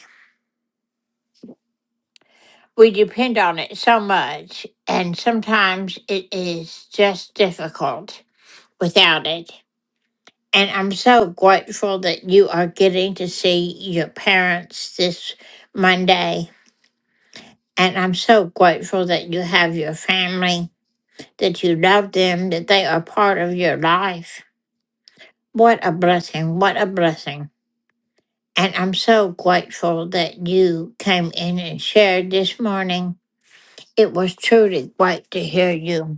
we depend on it so much, and sometimes it is just difficult without it. And I'm so grateful that you are getting to see your parents this Monday. And I'm so grateful that you have your family, that you love them, that they are part of your life. What a blessing. What a blessing. And I'm so grateful that you came in and shared this morning. It was truly great to hear you.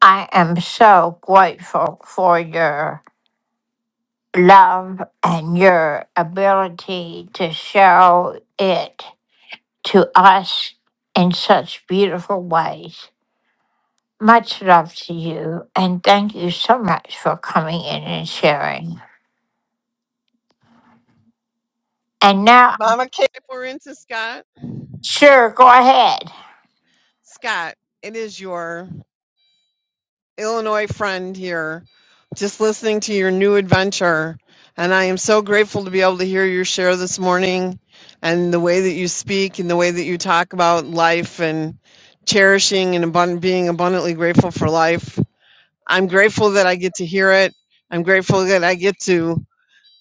I am so grateful for your love and your ability to show it to us in such beautiful ways. Much love to you, and thank you so much for coming in and sharing. And now,
Mama Kate, pour into Scott.
sure, go ahead.
Scott, it is your Illinois friend here, just listening to your new adventure. And I am so grateful to be able to hear your share this morning and the way that you speak and the way that you talk about life and cherishing and abund- being abundantly grateful for life. I'm grateful that I get to hear it. I'm grateful that I get to,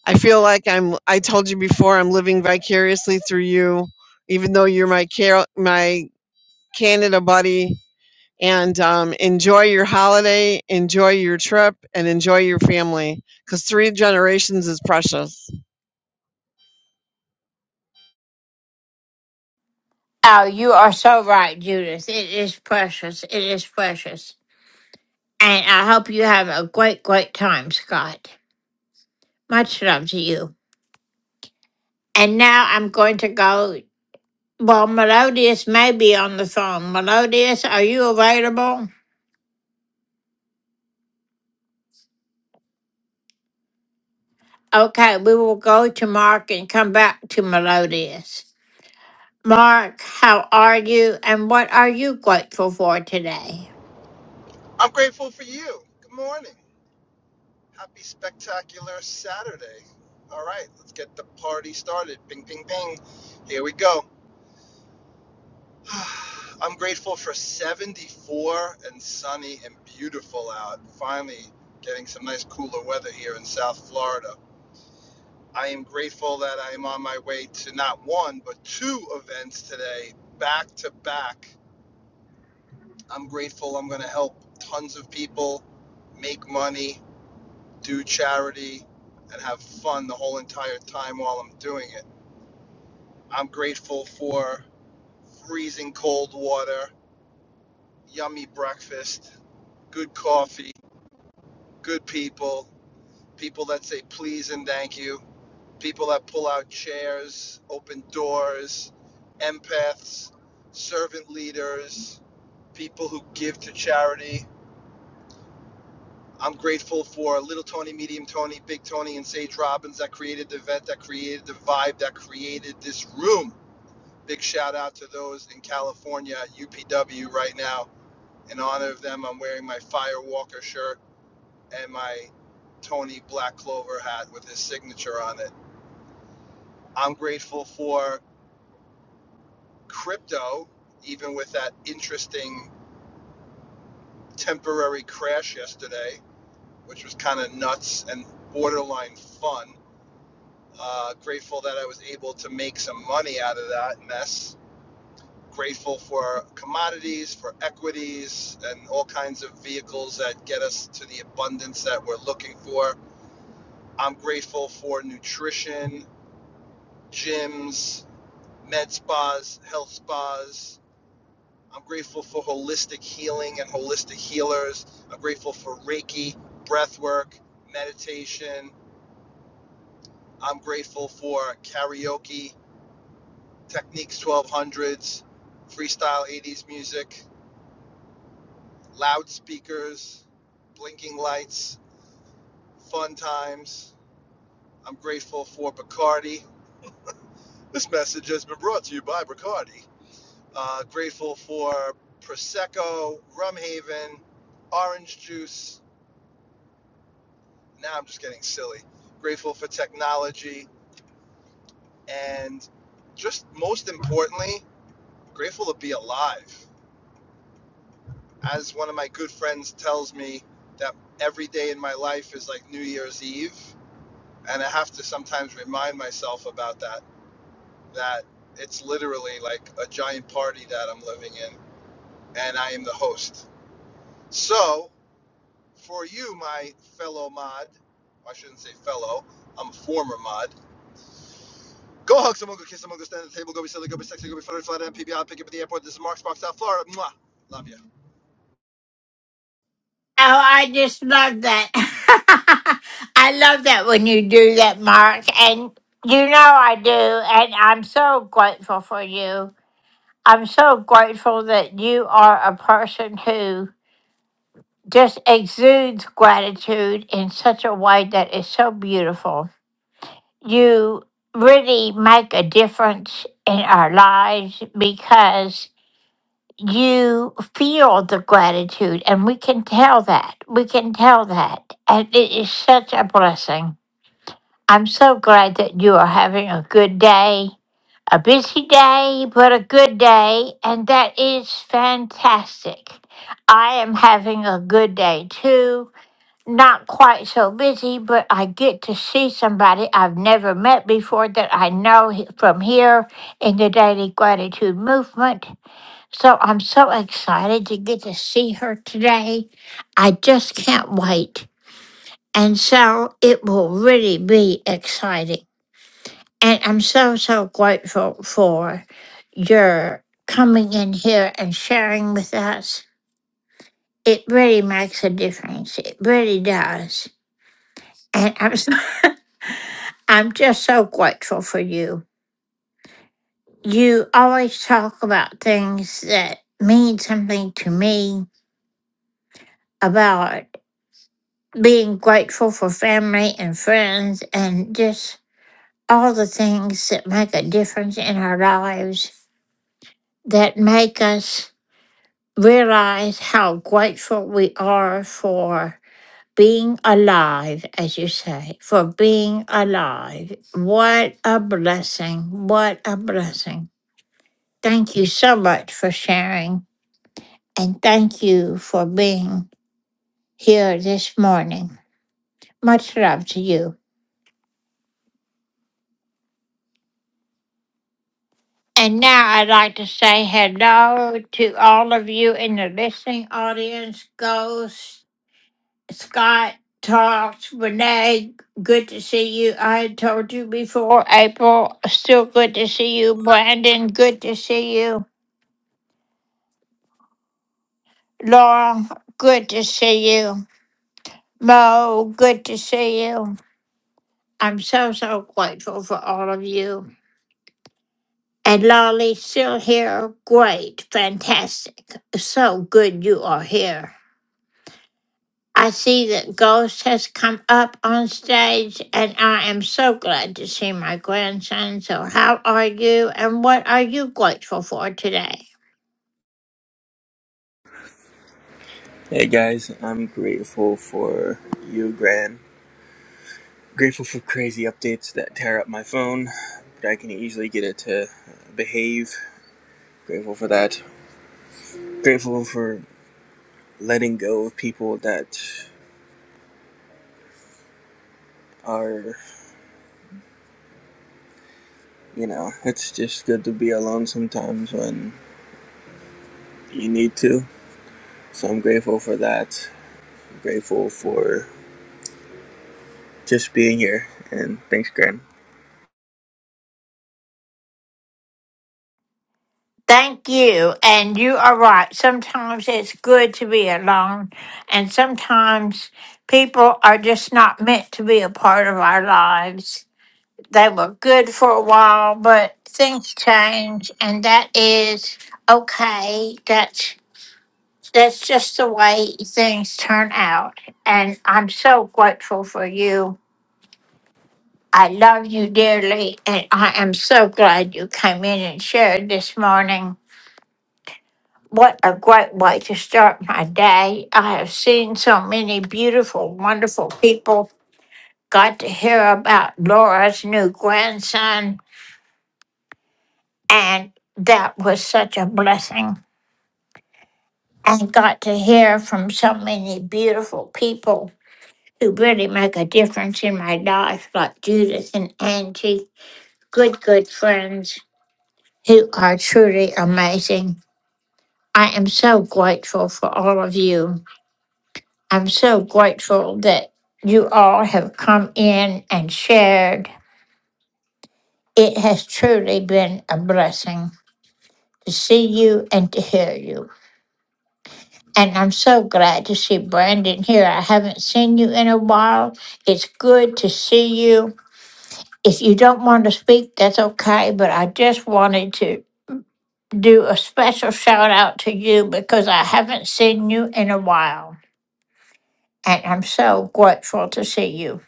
I feel like I'm, I told you before, I'm living vicariously through you, even though you're my, Car- my Canada buddy and um, enjoy your holiday, enjoy your trip, and enjoy your family because three generations is precious.
Oh, you are so right, Judith. It is precious. It is precious. And I hope you have a great, great time, Scott. Much love to you. And now I'm going to go. Well, Melodious may be on the phone. Melodious, are you available? Okay, we will go to Mark and come back to Melodious. Mark, how are you and what are you grateful for today?
I'm grateful for you. Good morning. Happy spectacular Saturday. All right, let's get the party started. Bing, bing, bing. Here we go. I'm grateful for 74 and sunny and beautiful out. Finally, getting some nice cooler weather here in South Florida. I am grateful that I am on my way to not one, but two events today, back to back. I'm grateful I'm going to help tons of people make money do charity, and have fun the whole entire time while I'm doing it. I'm grateful for freezing cold water, yummy breakfast, good coffee, good people, people that say please and thank you, people that pull out chairs, open doors, empaths, servant leaders, people who give to charity, I'm grateful for Little Tony, Medium Tony, Big Tony, and Sage Robbins that created the event, that created the vibe, that created this room. Big shout out to those in California at UPW right now. In honor of them, I'm wearing my Fire Walker shirt and my Tony Black Clover hat with his signature on it. I'm grateful for crypto, even with that interesting temporary crash yesterday, which was kind of nuts and borderline fun. Uh, grateful that I was able to make some money out of that mess. Grateful for commodities, for equities, and all kinds of vehicles that get us to the abundance that we're looking for. I'm grateful for nutrition, gyms, med spas, health spas. I'm grateful for holistic healing and holistic healers. I'm grateful for Reiki, breath work, meditation. I'm grateful for karaoke. Techniques 1200s, freestyle 80s music, loudspeakers, blinking lights, fun times. I'm grateful for Bacardi. This message has been brought to you by Bacardi. Uh, grateful for Prosecco, Rum Haven, orange juice. Now I'm just getting silly. Grateful for technology and just most importantly, grateful to be alive. as one of my good friends tells me that every day in my life is like New Year's Eve, and I have to sometimes remind myself about that that it's literally like a giant party that I'm living in, and I am the host. So, for you, my fellow mod, I shouldn't say fellow, I'm a former mod. Go hug someone, go kiss someone, go stand at the table, go be silly, go be sexy, go be funny, flat, MPB, I'll pick you up at the airport. This is Mark Sparks, South Florida. Mwah. Love you.
Oh, I just love that. I love that when you do that, Mark. And you know I do. And I'm so grateful for you. I'm so grateful that you are a person who just exudes gratitude in such a way that is so beautiful. You really make a difference in our lives because you feel the gratitude, and we can tell that. We can tell that. And it is such a blessing. I'm so glad that you are having a good day, a busy day, but a good day, and that is fantastic. I am having a good day too not quite so busy, but I get to see somebody I've never met before that I know he- from here in the Daily Gratitude Movement. So I'm so excited to get to see her today. I just can't wait. And so it will really be exciting. And I'm so, so grateful for your coming in here and sharing with us. It really makes a difference. It really does. And I'm so I'm just so grateful for you. You always talk about things that mean something to me, about being grateful for family and friends, and just all the things that make a difference in our lives, that make us realize how grateful we are for being alive, as you say, for being alive. What a blessing! What a blessing. Thank you so much for sharing, and thank you for being here this morning. Much love to you. And now I'd like to say hello to all of you in the listening audience. Ghost, Scott, Talks, Renee, good to see you. I had told you before, April, still good to see you. Brandon, good to see you. Laura, good to see you. Mo, good to see you. I'm so, so grateful for all of you. And Lolly still here. Great. Fantastic. So good you are here. I see that Ghost has come up on stage, and I am so glad to see my grandson. So, how are you, and what are you grateful for today?
Hey guys, I'm grateful for you, Gran. Grateful for crazy updates that tear up my phone, but I can easily get it to behave. Grateful for that. Grateful for letting go of people that are, you know, it's just good to be alone sometimes when you need to. So I'm grateful for that. grateful for just being here, and thanks, Gran.
Thank you. And you are right. Sometimes it's good to be alone, and sometimes people are just not meant to be a part of our lives. they were good for a while, but things change, and that is okay. That's that's just the way things turn out, and I'm so grateful for you. I love you dearly, and I am so glad you came in and shared this morning. What a great way to start my day. I have seen so many beautiful, wonderful people. Got to hear about Laura's new grandson And that was such a blessing. And got to hear from so many beautiful people who really make a difference in my life, like Judith and Angie, good, good friends who are truly amazing. I am so grateful for all of you. I'm so grateful that you all have come in and shared. It has truly been a blessing to see you and to hear you. And I'm so glad to see Brandon here. I haven't seen you in a while. It's good to see you. If you don't want to speak, that's okay, but I just wanted to do a special shout out to you because I haven't seen you in a while. And I'm so grateful to see you.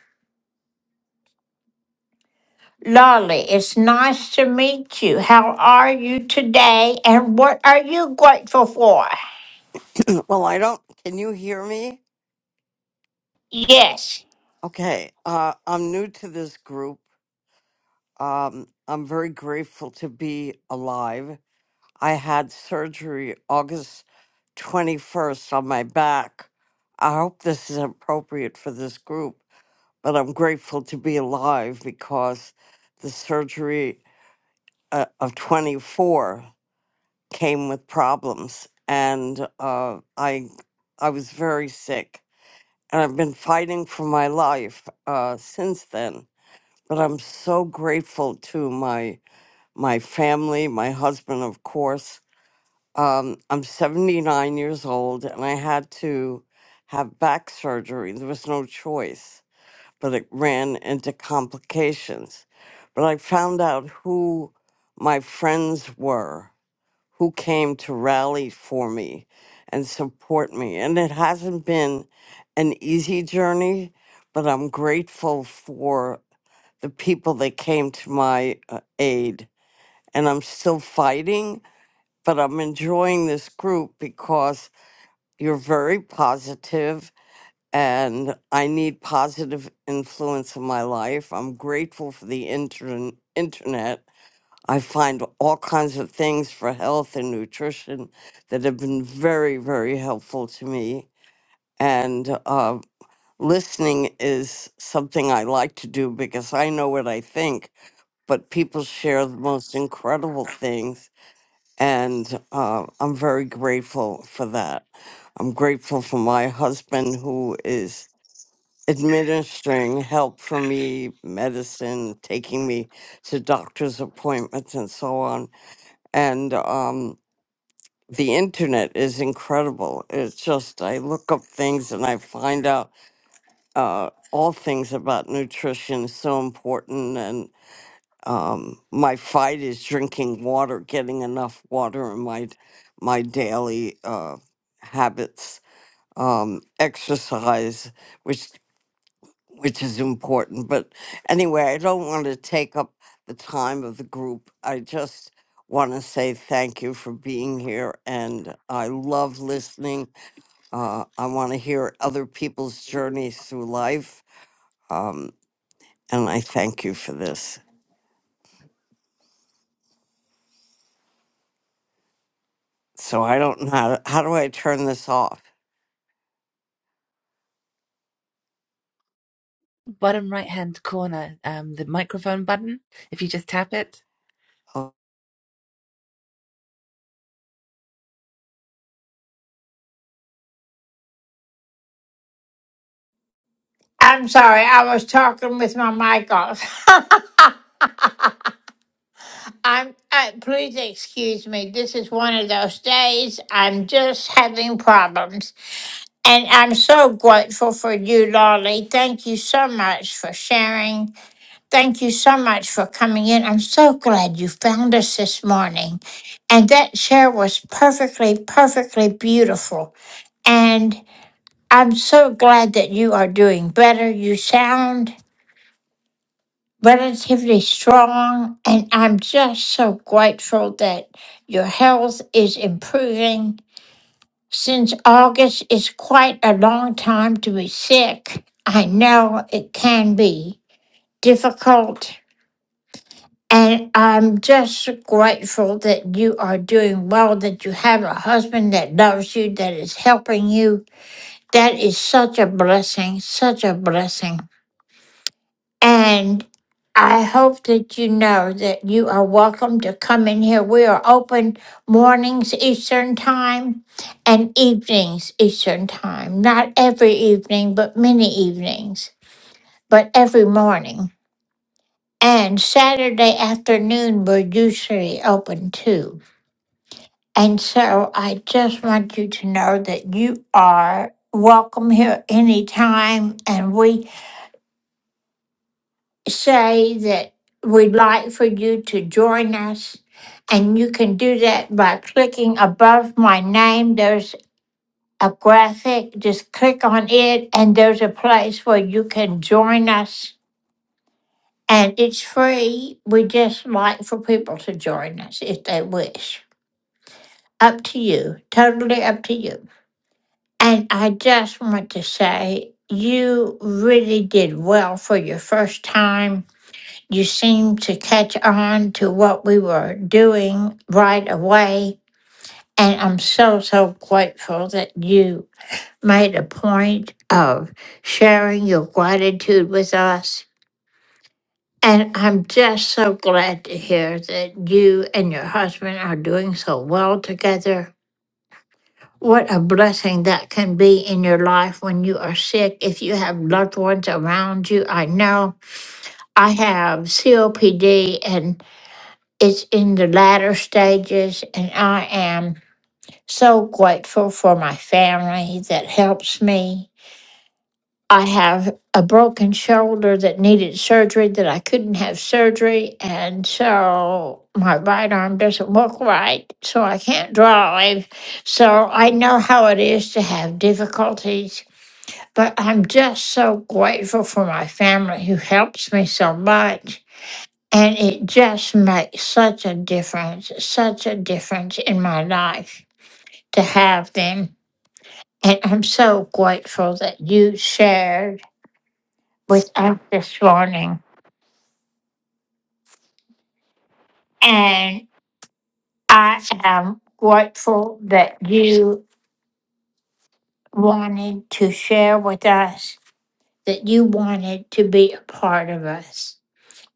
Lolly, it's nice to meet you. How are you today? And what are you grateful for?
Well, I don't. Can you hear me?
Yes.
Okay. Uh, I'm new to this group. Um, I'm very grateful to be alive. I had surgery August 21st on my back. I hope this is appropriate for this group, but I'm grateful to be alive because the surgery uh, of 24 came with problems, and uh, I I was very sick and I've been fighting for my life uh, since then. But I'm so grateful to my my family, my husband, of course. Um, I'm 79 years old, and I had to have back surgery. There was no choice, but it ran into complications. But I found out who my friends were who came to rally for me and support me. And it hasn't been an easy journey, but I'm grateful for the people that came to my uh, aid. And I'm still fighting, but I'm enjoying this group because you're very positive and I need positive influence in my life. I'm grateful for the intern- internet I find all kinds of things for health and nutrition that have been very, very helpful to me. And uh, listening is something I like to do because I know what I think, but people share the most incredible things. And uh, I'm very grateful for that. I'm grateful for my husband who is administering help for me, medicine, taking me to doctor's appointments, and so on and um, the internet is incredible. It's just I look up things and I find out uh, all things about nutrition is so important. And um, my fight is drinking water, getting enough water in my my daily uh, habits, um, exercise, which which is important. But anyway, I don't want to take up the time of the group. I just want to say thank you for being here. And I love listening. Uh, I want to hear other people's journeys through life. Um, and I thank you for this. So I don't know how, how do I turn this off?
bottom right hand corner, um, the microphone button. If you just tap it,
Oh,
I'm sorry, I was talking with my mic off. I'm, uh, please excuse me. This is one of those days I'm just having problems. And I'm so grateful for you, Lolly. Thank you so much for sharing. Thank you so much for coming in. I'm so glad you found us this morning. And that share was perfectly, perfectly beautiful. And I'm so glad that you are doing better. You sound relatively strong. And I'm just so grateful that your health is improving. Since August is quite a long time to be sick, I know it can be difficult. And I'm just so grateful that you are doing well, that you have a husband that loves you, that is helping you. That is such a blessing, such a blessing. And I hope that you know that you are welcome to come in here. We are open mornings Eastern Time and evenings Eastern Time. Not every evening, but many evenings, but every morning. And Saturday afternoon, we're usually open too. And so I just want you to know that you are welcome here anytime and we say that we'd like for you to join us. And you can do that by clicking above my name. There's a graphic. Just click on it, and there's a place where you can join us. And it's free. We just like for people to join us if they wish. Up to you. Totally up to you. And I just want to say you really did well for your first time you seemed to catch on to what we were doing right away. And I'm so, so grateful that you made a point of sharing your gratitude with us. And I'm just so glad to hear that you and your husband are doing so well together. What a blessing that can be in your life when you are sick, if you have loved ones around you. I know I have COPD, and It's in the latter stages, and I am so grateful for my family that helps me. I have a broken shoulder that needed surgery that I couldn't have surgery, and so my right arm doesn't work right, so I can't drive. So I know how it is to have difficulties, but I'm just so grateful for my family who helps me so much. And it just makes such a difference, such a difference in my life to have them. And I'm so grateful that you shared with us this morning. And I am grateful that you wanted to share with us, that you wanted to be a part of us.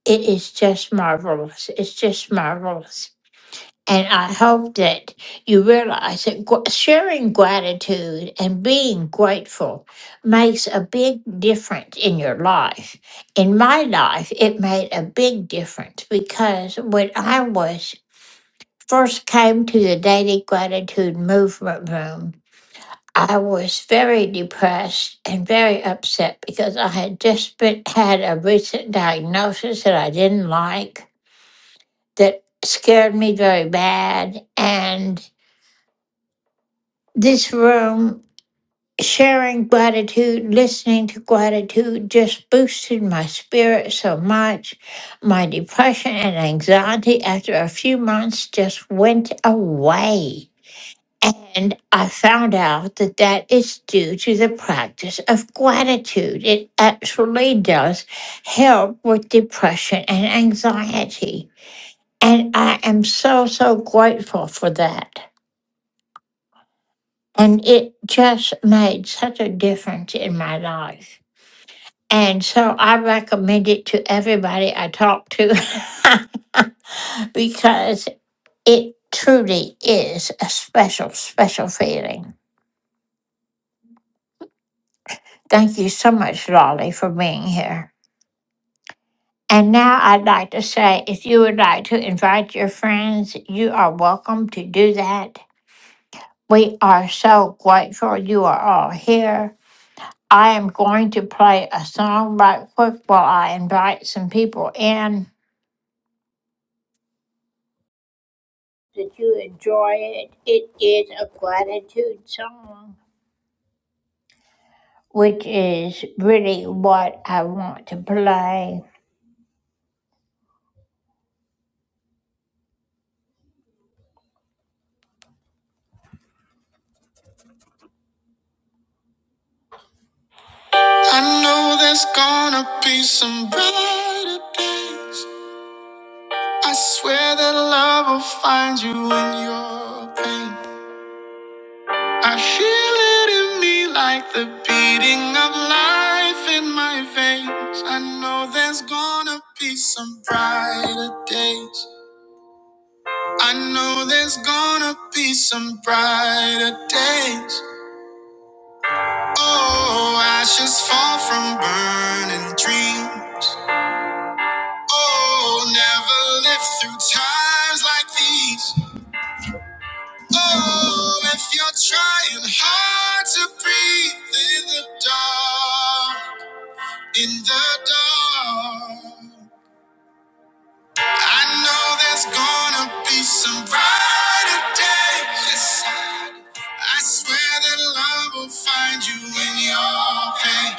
It is just marvelous. It's just marvelous. And I hope that you realize that gr- sharing gratitude and being grateful makes a big difference in your life. In my life, it made a big difference because when I was first came to the Daily Gratitude Movement Room, I was very depressed and very upset because I had just been, had a recent diagnosis that I didn't like that scared me very bad and this room, sharing gratitude, listening to gratitude just boosted my spirit so much. My depression and anxiety after a few months just went away. And I found out that that is due to the practice of gratitude. It actually does help with depression and anxiety. And I am so, so grateful for that. And it just made such a difference in my life. And so I recommend it to everybody I talk to because it truly is a special, special feeling. Thank you so much, Lolly, for being here. And now I'd like to say if you would like to invite your friends, you are welcome to do that. We are so grateful you are all here. I am going to play a song right quick while I invite some people in. Did you enjoy it? It is a gratitude song, which is really what I want to play. I know there's gonna be some brighter days. I swear that love will find you in your pain. I feel it in me like the beating of life in my veins. I know there's gonna be some brighter days. I know there's gonna be some brighter days. Oh, ashes fall from burning dreams. Oh, never lived through times like these. Oh, if you're trying hard to breathe in the dark. In the dark, I know there's gonna be some brighter day. Yes, I swear that love will find you in your pain.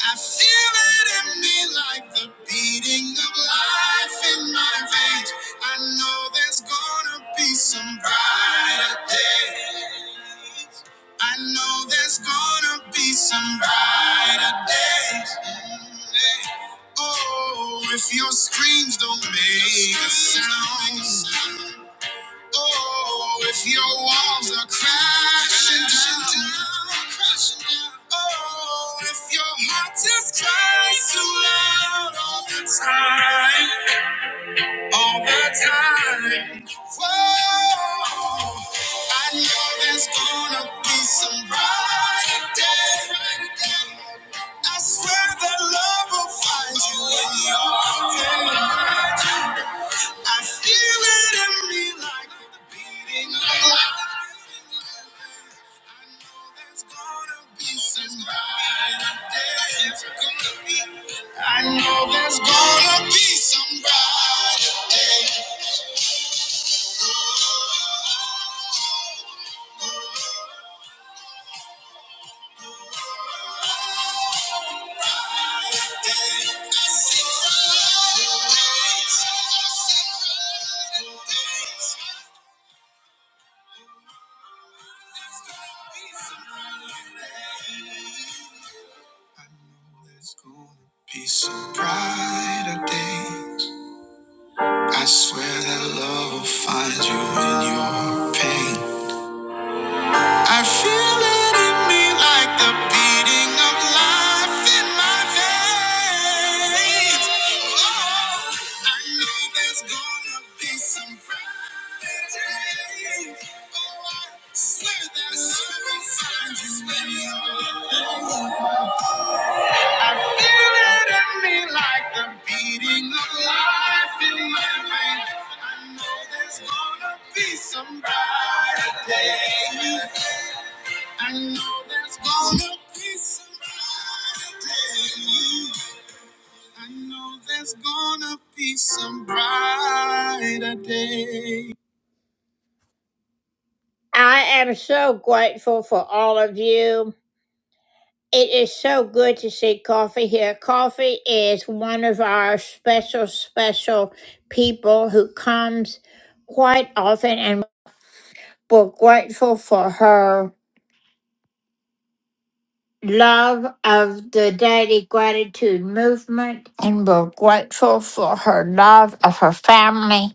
I feel it in me like the beating of life in my veins. I know there's gonna be some brighter days. I know there's gonna be some brighter days. Mm, yeah. Oh, if your screams don't make a sound. Oh, if your walls are crashing down, crashing down. Oh, if your heart just cries too loud all the time, all the time. Whoa, I know there's gonna be some brighter day. I swear that love will find you in your are I feel it in me like the beating of life. I know there's gonna be some brighter days. I know there's gonna be some brighter days. Oh, oh, oh, oh. There's gonna be some brighter days. I swear that love will find you in your pain. I feel it in me like the beating of life in my veins. Oh, I know there's gonna be some bright days. Oh, I swear that I will find you when you're. alone. I feel it in me like the beating of life in my veins. I know there's gonna be some brighter day. I know there's gonna be some brighter day. I know there's gonna be some brighter day. I'm so grateful for all you. It is so good. Coffee is one of our special, special people quite often and we're grateful for her love of the daily gratitude movement and we're grateful for her love of her family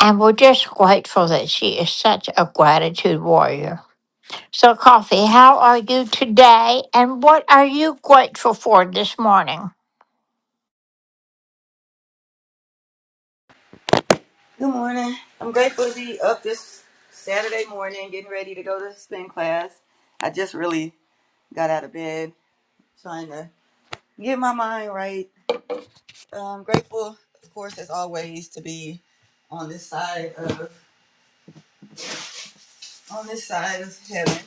and we're just grateful that she is such a gratitude warrior so coffee how are you today and what are you grateful for this morning
Good morning. I'm grateful to be up this Saturday morning, getting ready to go to spin class. I just really got out of bed, trying to get my mind right. I'm grateful, of course, as always, to be on this side of on this side of heaven.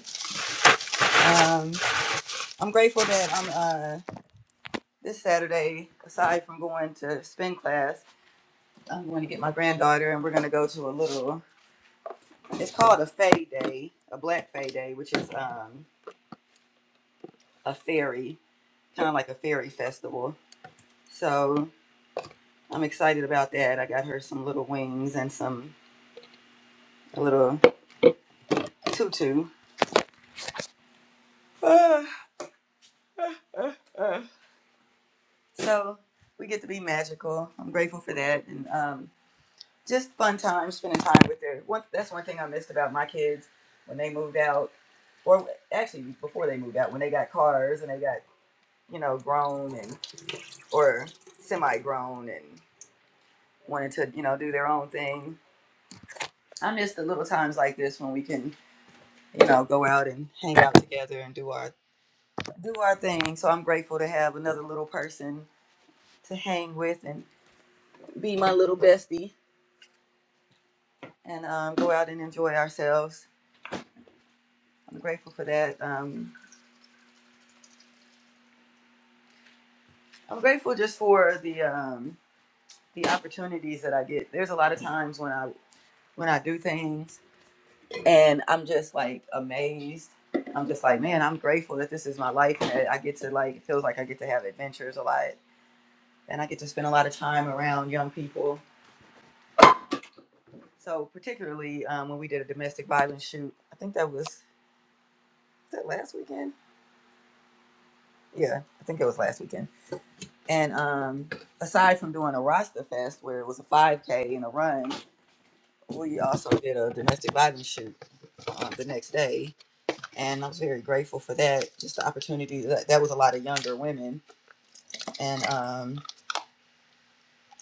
Um, I'm grateful that I'm uh, this Saturday. Aside from going to spin class, I'm going to get my granddaughter, and we're going to go to a little. It's called a Fay Day, a Black Fay Day, which is um, a ferry kind of like a fairy festival. So I'm excited about that. I got her some little wings and some a little tutu. Ah, ah, ah, ah. So we get to be magical. I'm grateful for that, and um, just fun time spending time with her. One, that's one thing I missed about my kids when they moved out, or actually before they moved out, when they got cars and they got you know grown and or semi grown and wanted to you know do their own thing. I miss the little times like this when we can you know, go out and hang out together and do our do our thing. So I'm grateful to have another little person to hang with and be my little bestie and um, go out and enjoy ourselves. I'm grateful for that. Um, I'm grateful just for the um, the opportunities that I get. There's a lot of times when I when I do things and I'm just like amazed. I'm just like, man, I'm grateful that this is my life and that I get to like it feels like I get to have adventures a lot and I get to spend a lot of time around young people So particularly um, when we did a domestic violence shoot, I think that was, was that last weekend. Yeah, I think it was last weekend. And um, aside from doing a Rasta Fest where it was a 5K and a run, we also did a domestic violence shoot um, the next day, and I was very grateful for that. Just the opportunity that that was a lot of younger women, and um,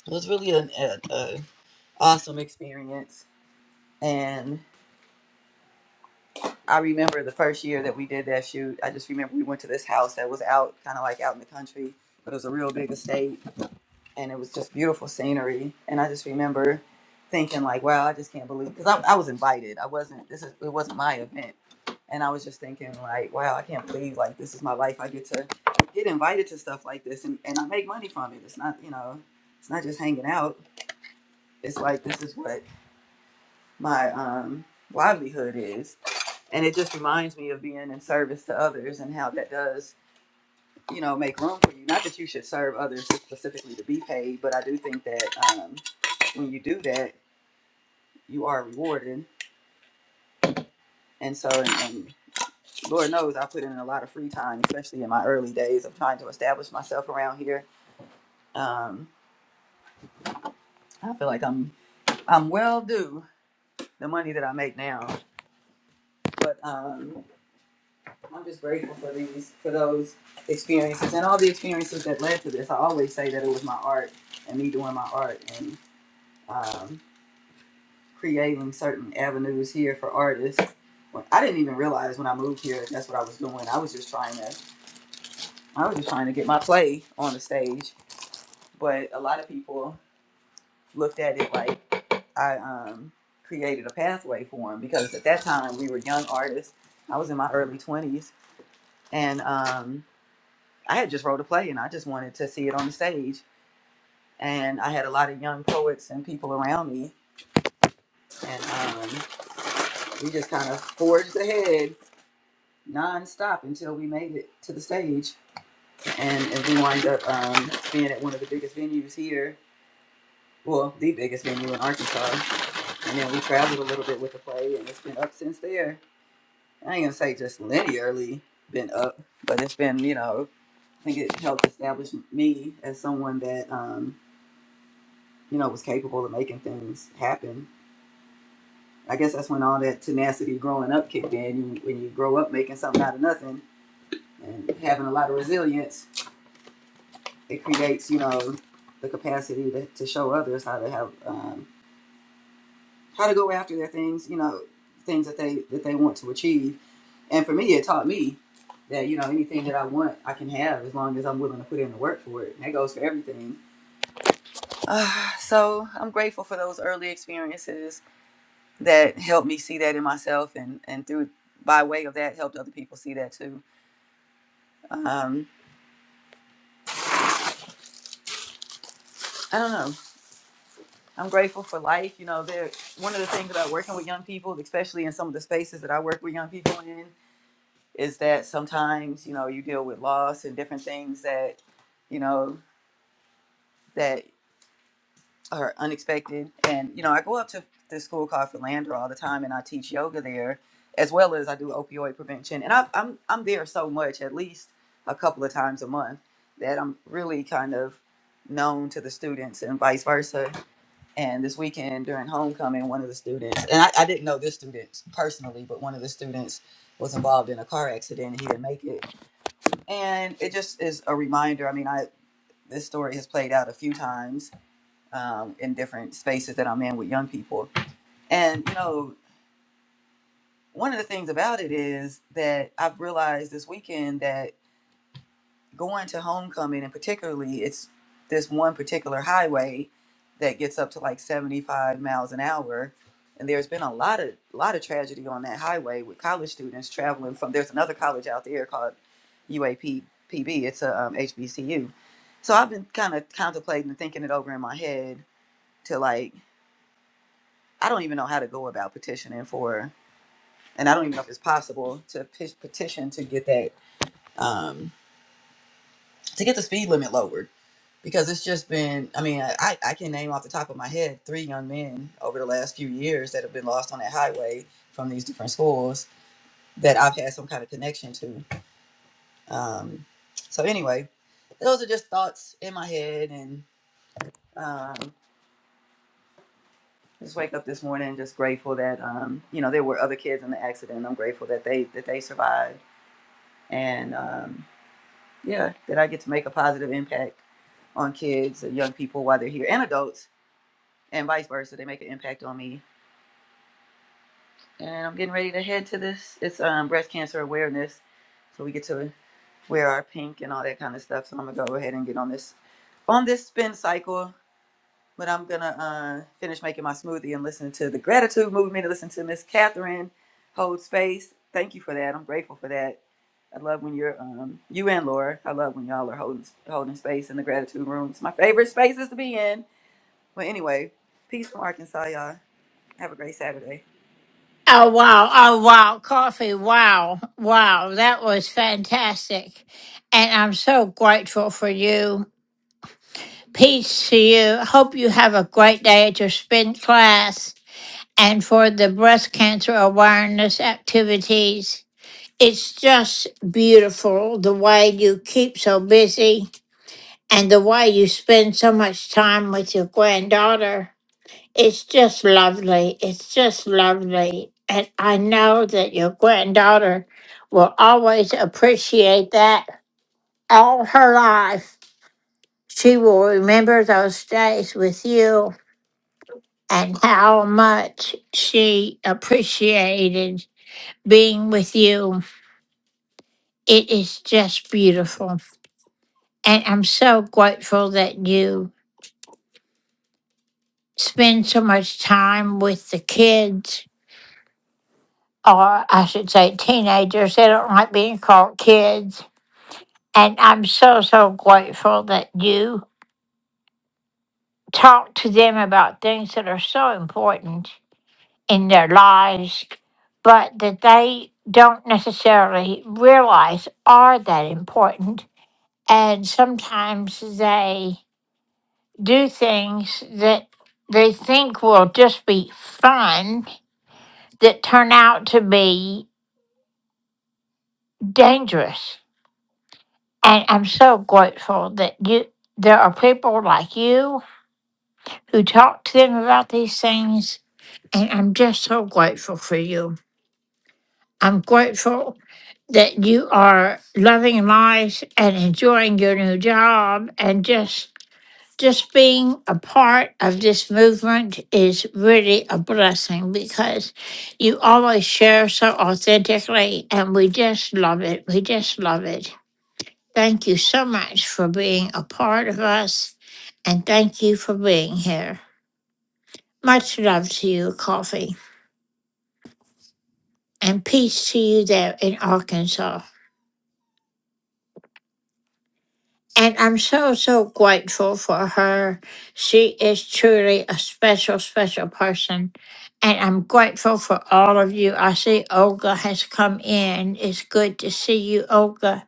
it was really an a, a awesome experience. And I remember the first year that we did that shoot. I just remember we went to this house that was out, kind of like out in the country, but it was a real big estate, and it was just beautiful scenery. And I just remember thinking like, wow, I just can't believe because I, I was invited. I wasn't. This is it wasn't my event, and I was just thinking like, wow, I can't believe like this is my life. I get to get invited to stuff like this, and and I make money from it. It's not you know, it's not just hanging out. It's like this is what my um livelihood is and it just reminds me of being in service to others and how that does you know make room for you not that you should serve others specifically to be paid but i do think that um, when you do that you are rewarded and so and, and lord knows i put in a lot of free time especially in my early days of trying to establish myself around here um, i feel like i'm i'm well due the money that i make now but um, I'm just grateful for these, for those experiences and all the experiences that led to this. I always say that it was my art and me doing my art and um, creating certain avenues here for artists. When, I didn't even realize when I moved here that that's what I was doing. I was just trying to, I was just trying to get my play on the stage. But a lot of people looked at it like I um, created a pathway for them because at that time we were young artists. I was in my early twenties and. Um, I had just wrote a play and I just wanted to see it on the stage. And I had a lot of young poets and people around me. And um, we just kind of forged ahead nonstop until we made it to the stage. And, and we wind up um, being at one of the biggest venues here. Well, the biggest venue in Arkansas. And then we traveled a little bit with the play and it's been up since there. I ain't gonna say just linearly been up, but it's been, you know, I think it helped establish me as someone that um, you know, was capable of making things happen. I guess that's when all that tenacity growing up kicked in. You- When you grow up making something out of nothing and having a lot of resilience, it creates, you know, the capacity to, to show others how to have um, how to go after their things, you know, things that they that they want to achieve. And for me, it taught me that you know anything that I want, I can have as long as I'm willing to put in the work for it. And that goes for everything. Uh, so I'm grateful for those early experiences that helped me see that in myself and and through by way of that helped other people see that too um i don't know i'm grateful for life you know there one of the things about working with young people especially in some of the spaces that i work with young people in is that sometimes you know you deal with loss and different things that you know that or unexpected. And you know, I go up to this school called Philander all the time, and I teach yoga there, as well as I do opioid prevention. And I, I'm I'm there so much, at least a couple of times a month, that I'm really kind of known to the students, and vice versa. And this weekend during homecoming, one of the students, and I, I didn't know this student personally, but one of the students was involved in a car accident and he didn't make it. And it just is a reminder. I mean, I this story has played out a few times um, in different spaces that I'm in with young people. And, you know, one of the things about it is that I've realized this weekend that going to homecoming, and particularly it's this one particular highway that gets up to like 75 miles an hour. And there's been a lot of lot of tragedy on that highway with college students traveling from. There's another college out there called UAPPB. It's a um, HBCU. So I've been kind of contemplating and thinking it over in my head to like I don't even know how to go about petitioning for, and I don't even know if it's possible to pe- petition to get that um, to get the speed limit lowered because it's just been. I mean, I I can name off the top of my head three young men over the last few years that have been lost on that highway from these different schools that I've had some kind of connection to. Um, so anyway, those are just thoughts in my head and. Um, just wake up this morning just grateful that um, you know there were other kids in the accident. I'm grateful that they that they survived and um, yeah, that I get to make a positive impact on kids and young people while they're here, and adults, and vice versa. They make an impact on me, and I'm getting ready to head to this. It's um, breast cancer awareness, so we get to wear our pink and all that kind of stuff. So I'm gonna go ahead and get on this on this spin cycle. But I'm gonna uh, finish making my smoothie and listen to the gratitude movement. Listen to Miss Catherine hold space. Thank you for that. I'm grateful for that I love when you're um you and Laura. I love when y'all are holding holding space in the gratitude room. It's my favorite spaces to be in. But anyway, peace from Arkansas, y'all. Have a great Saturday.
oh wow oh wow coffee wow wow that was fantastic and i'm so grateful for you Peace to you. Hope you have a great day at your spin class and for the breast cancer awareness activities. It's just beautiful the way you keep so busy and the way you spend so much time with your granddaughter. It's just lovely. It's just lovely. And I know that your granddaughter will always appreciate that all her life. She will remember those days with you and how much she appreciated being with you. It is just beautiful. And I'm so grateful that you spend so much time with the kids, or I should say teenagers. They don't like being called kids. And I'm so, so grateful that you talk to them about things that are so important. in their lives, but that they don't necessarily realize are that important. And sometimes they do things that they think will just be fun that turn out to be dangerous. And I'm so grateful that you there are people like you who talk to them about these things. And I'm just so grateful for you. I'm grateful that you are loving life and enjoying your new job and just just being a part of this movement is really a blessing because you always share so authentically and we just love it. We just love it. Thank you so much for being a part of us and thank you for being here. Much love to you, Coffee, and peace to you there in Arkansas. And I'm so, so grateful for her. She is truly a special, special person. And I'm grateful for all of you. I see Olga has come in. It's good to see you, Olga.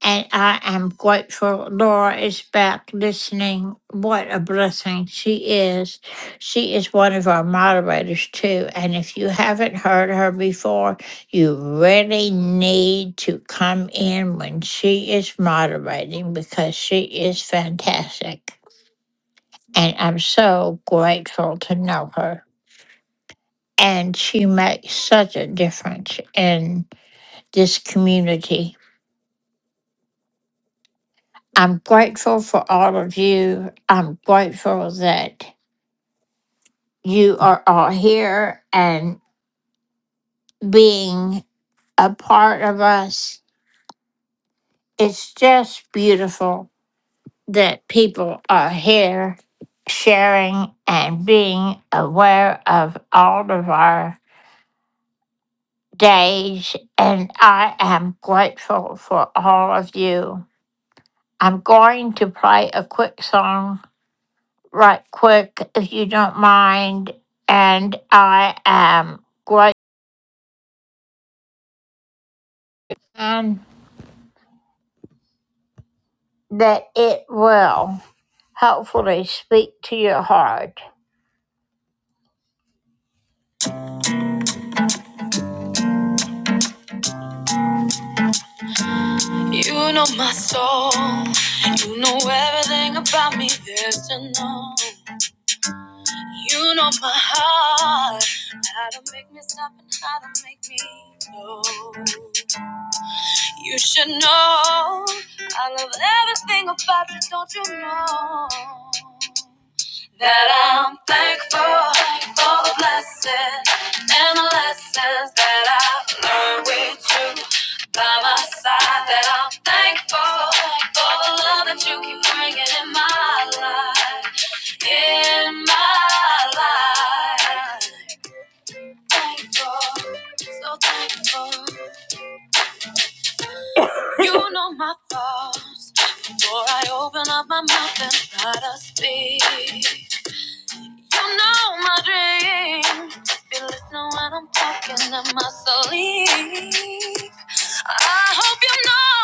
And I am grateful Laura is back listening. What a blessing she is. She is one of our moderators, too. And if you haven't heard her before, you really need to come in when she is moderating because she is fantastic. And I'm so grateful to know her. And she makes such a difference in this community I'm grateful for all of you. I'm grateful that you are all here and being a part of us. It's just beautiful that people are here sharing and being aware of all of our days. And I am grateful for all of you. I'm going to play a quick song right quick, if you don't mind. And I am grateful and that it will hopefully speak to your heart. You know my soul. You know everything about me there's to know. You know my heart. How to make me stop and how to make me go. You should know. I love everything about you, don't you know? That I'm thankful for the blessings and the lessons that I've learned with you by my side. That I'm thankful for the love that you keep bringing in my life, in my life. Thankful, so thankful. You know my thoughts before I open up my mouth and try to speak. You know my dreams. Be listening when I'm talking in my sleep. I hope you know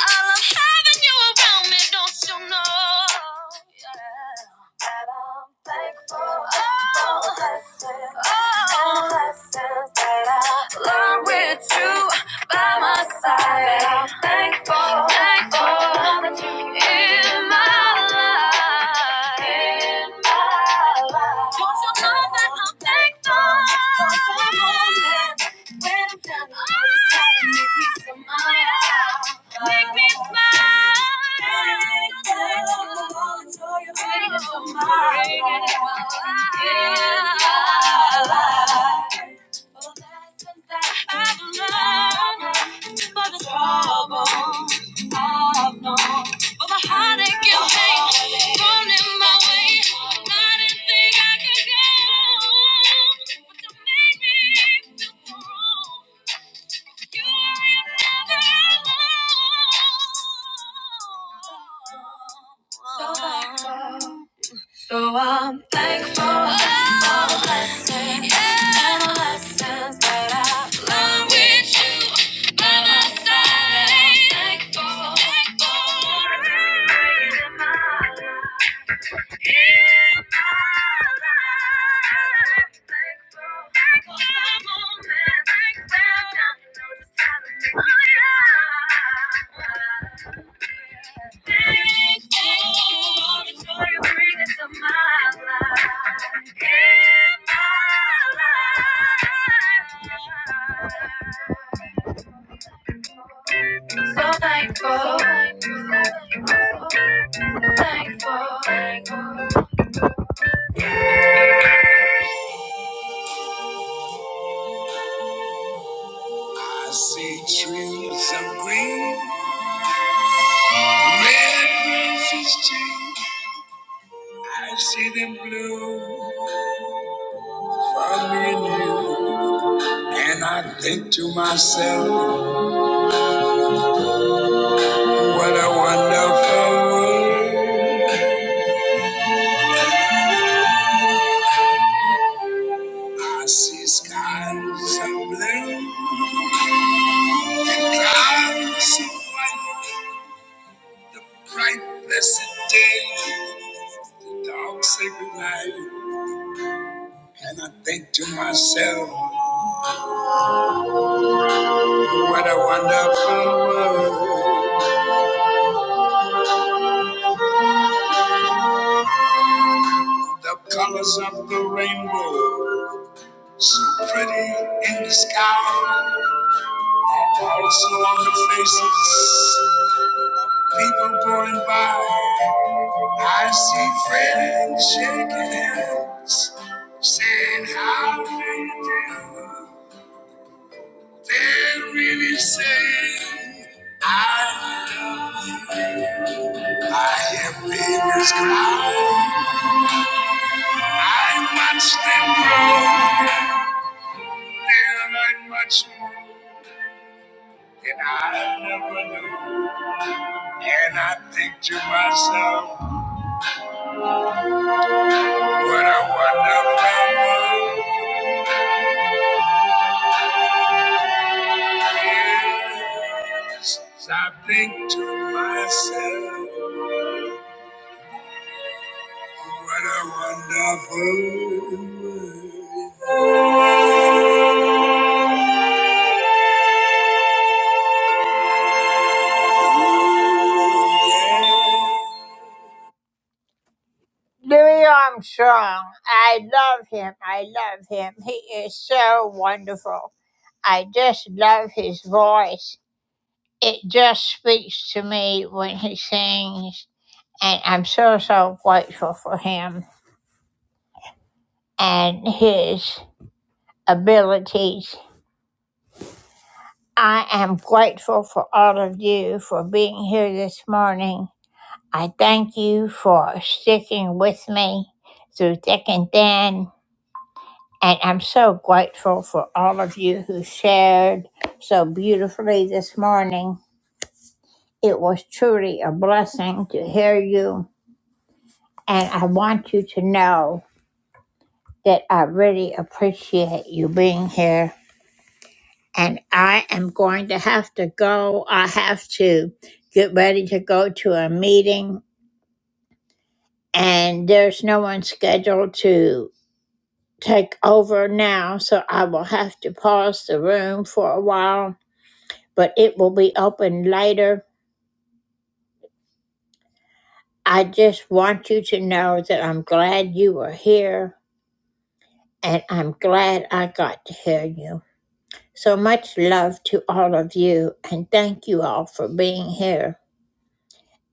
I love having you around me. Don't you know? Yeah. And I'm thankful, oh, blessed, oh, blessed that I learned with you by my side. And I'm thankful, thankful that you in my life, in my life. Don't you know that I'm thankful? For the moment when I'm done. Make me smile. I've learned by the trouble I've known, for the heartache and pain thrown in my way. I didn't think I could go, but you made me feel so wrong. You are never alone. So I'm thankful for the blessings and the lessons that I've learned with you by my side. Thankful, thankful for the grace in my life. So thankful, so thankful, so thankful. I see trees of green, red roses too. I see them bloom for me and you. And I think to myself, what a wonderful world. I see skies of blue and clouds of white. The bright, blessed day, the dark, sacred night. And I think to myself, What a wonderful world. The colors of the rainbow. So pretty in the sky. And also on the faces. People going by. I see friends shaking hands. Saying, How do you do? They're really saying, I love you. I hear babies cry. I watched them grow. They learned much more than I never knew. And I think to myself, what a wonderful world. Yes, I think to myself, what a wonderful world. Louis Armstrong. I love him. I love him. He is so wonderful. I just love his voice. It just speaks to me when he sings. And I'm so, so grateful for him and his abilities. I am grateful for all of you for being here this morning. I thank you for sticking with me through thick and thin. And I'm so grateful for all of you who shared so beautifully this morning. It was truly a blessing to hear you. And I want you to know that I really appreciate you being here. And I am going to have to go. I have to get ready to go to a meeting. And there's no one scheduled to take over now. So I will have to pause the room for a while but it will be open later. I just want you to know that I'm glad you were here and I'm glad I got to hear you. So much love to all of you and thank you all for being here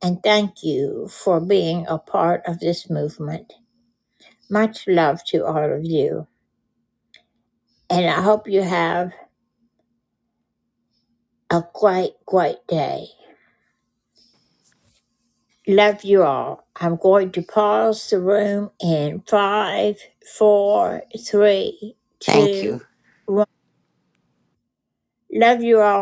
and thank you for being a part of this movement. Much love to all of you and I hope you have a great, great day. Love you all. I'm going to pause the room in five, four, three,
thank you.
two, one. Love you all.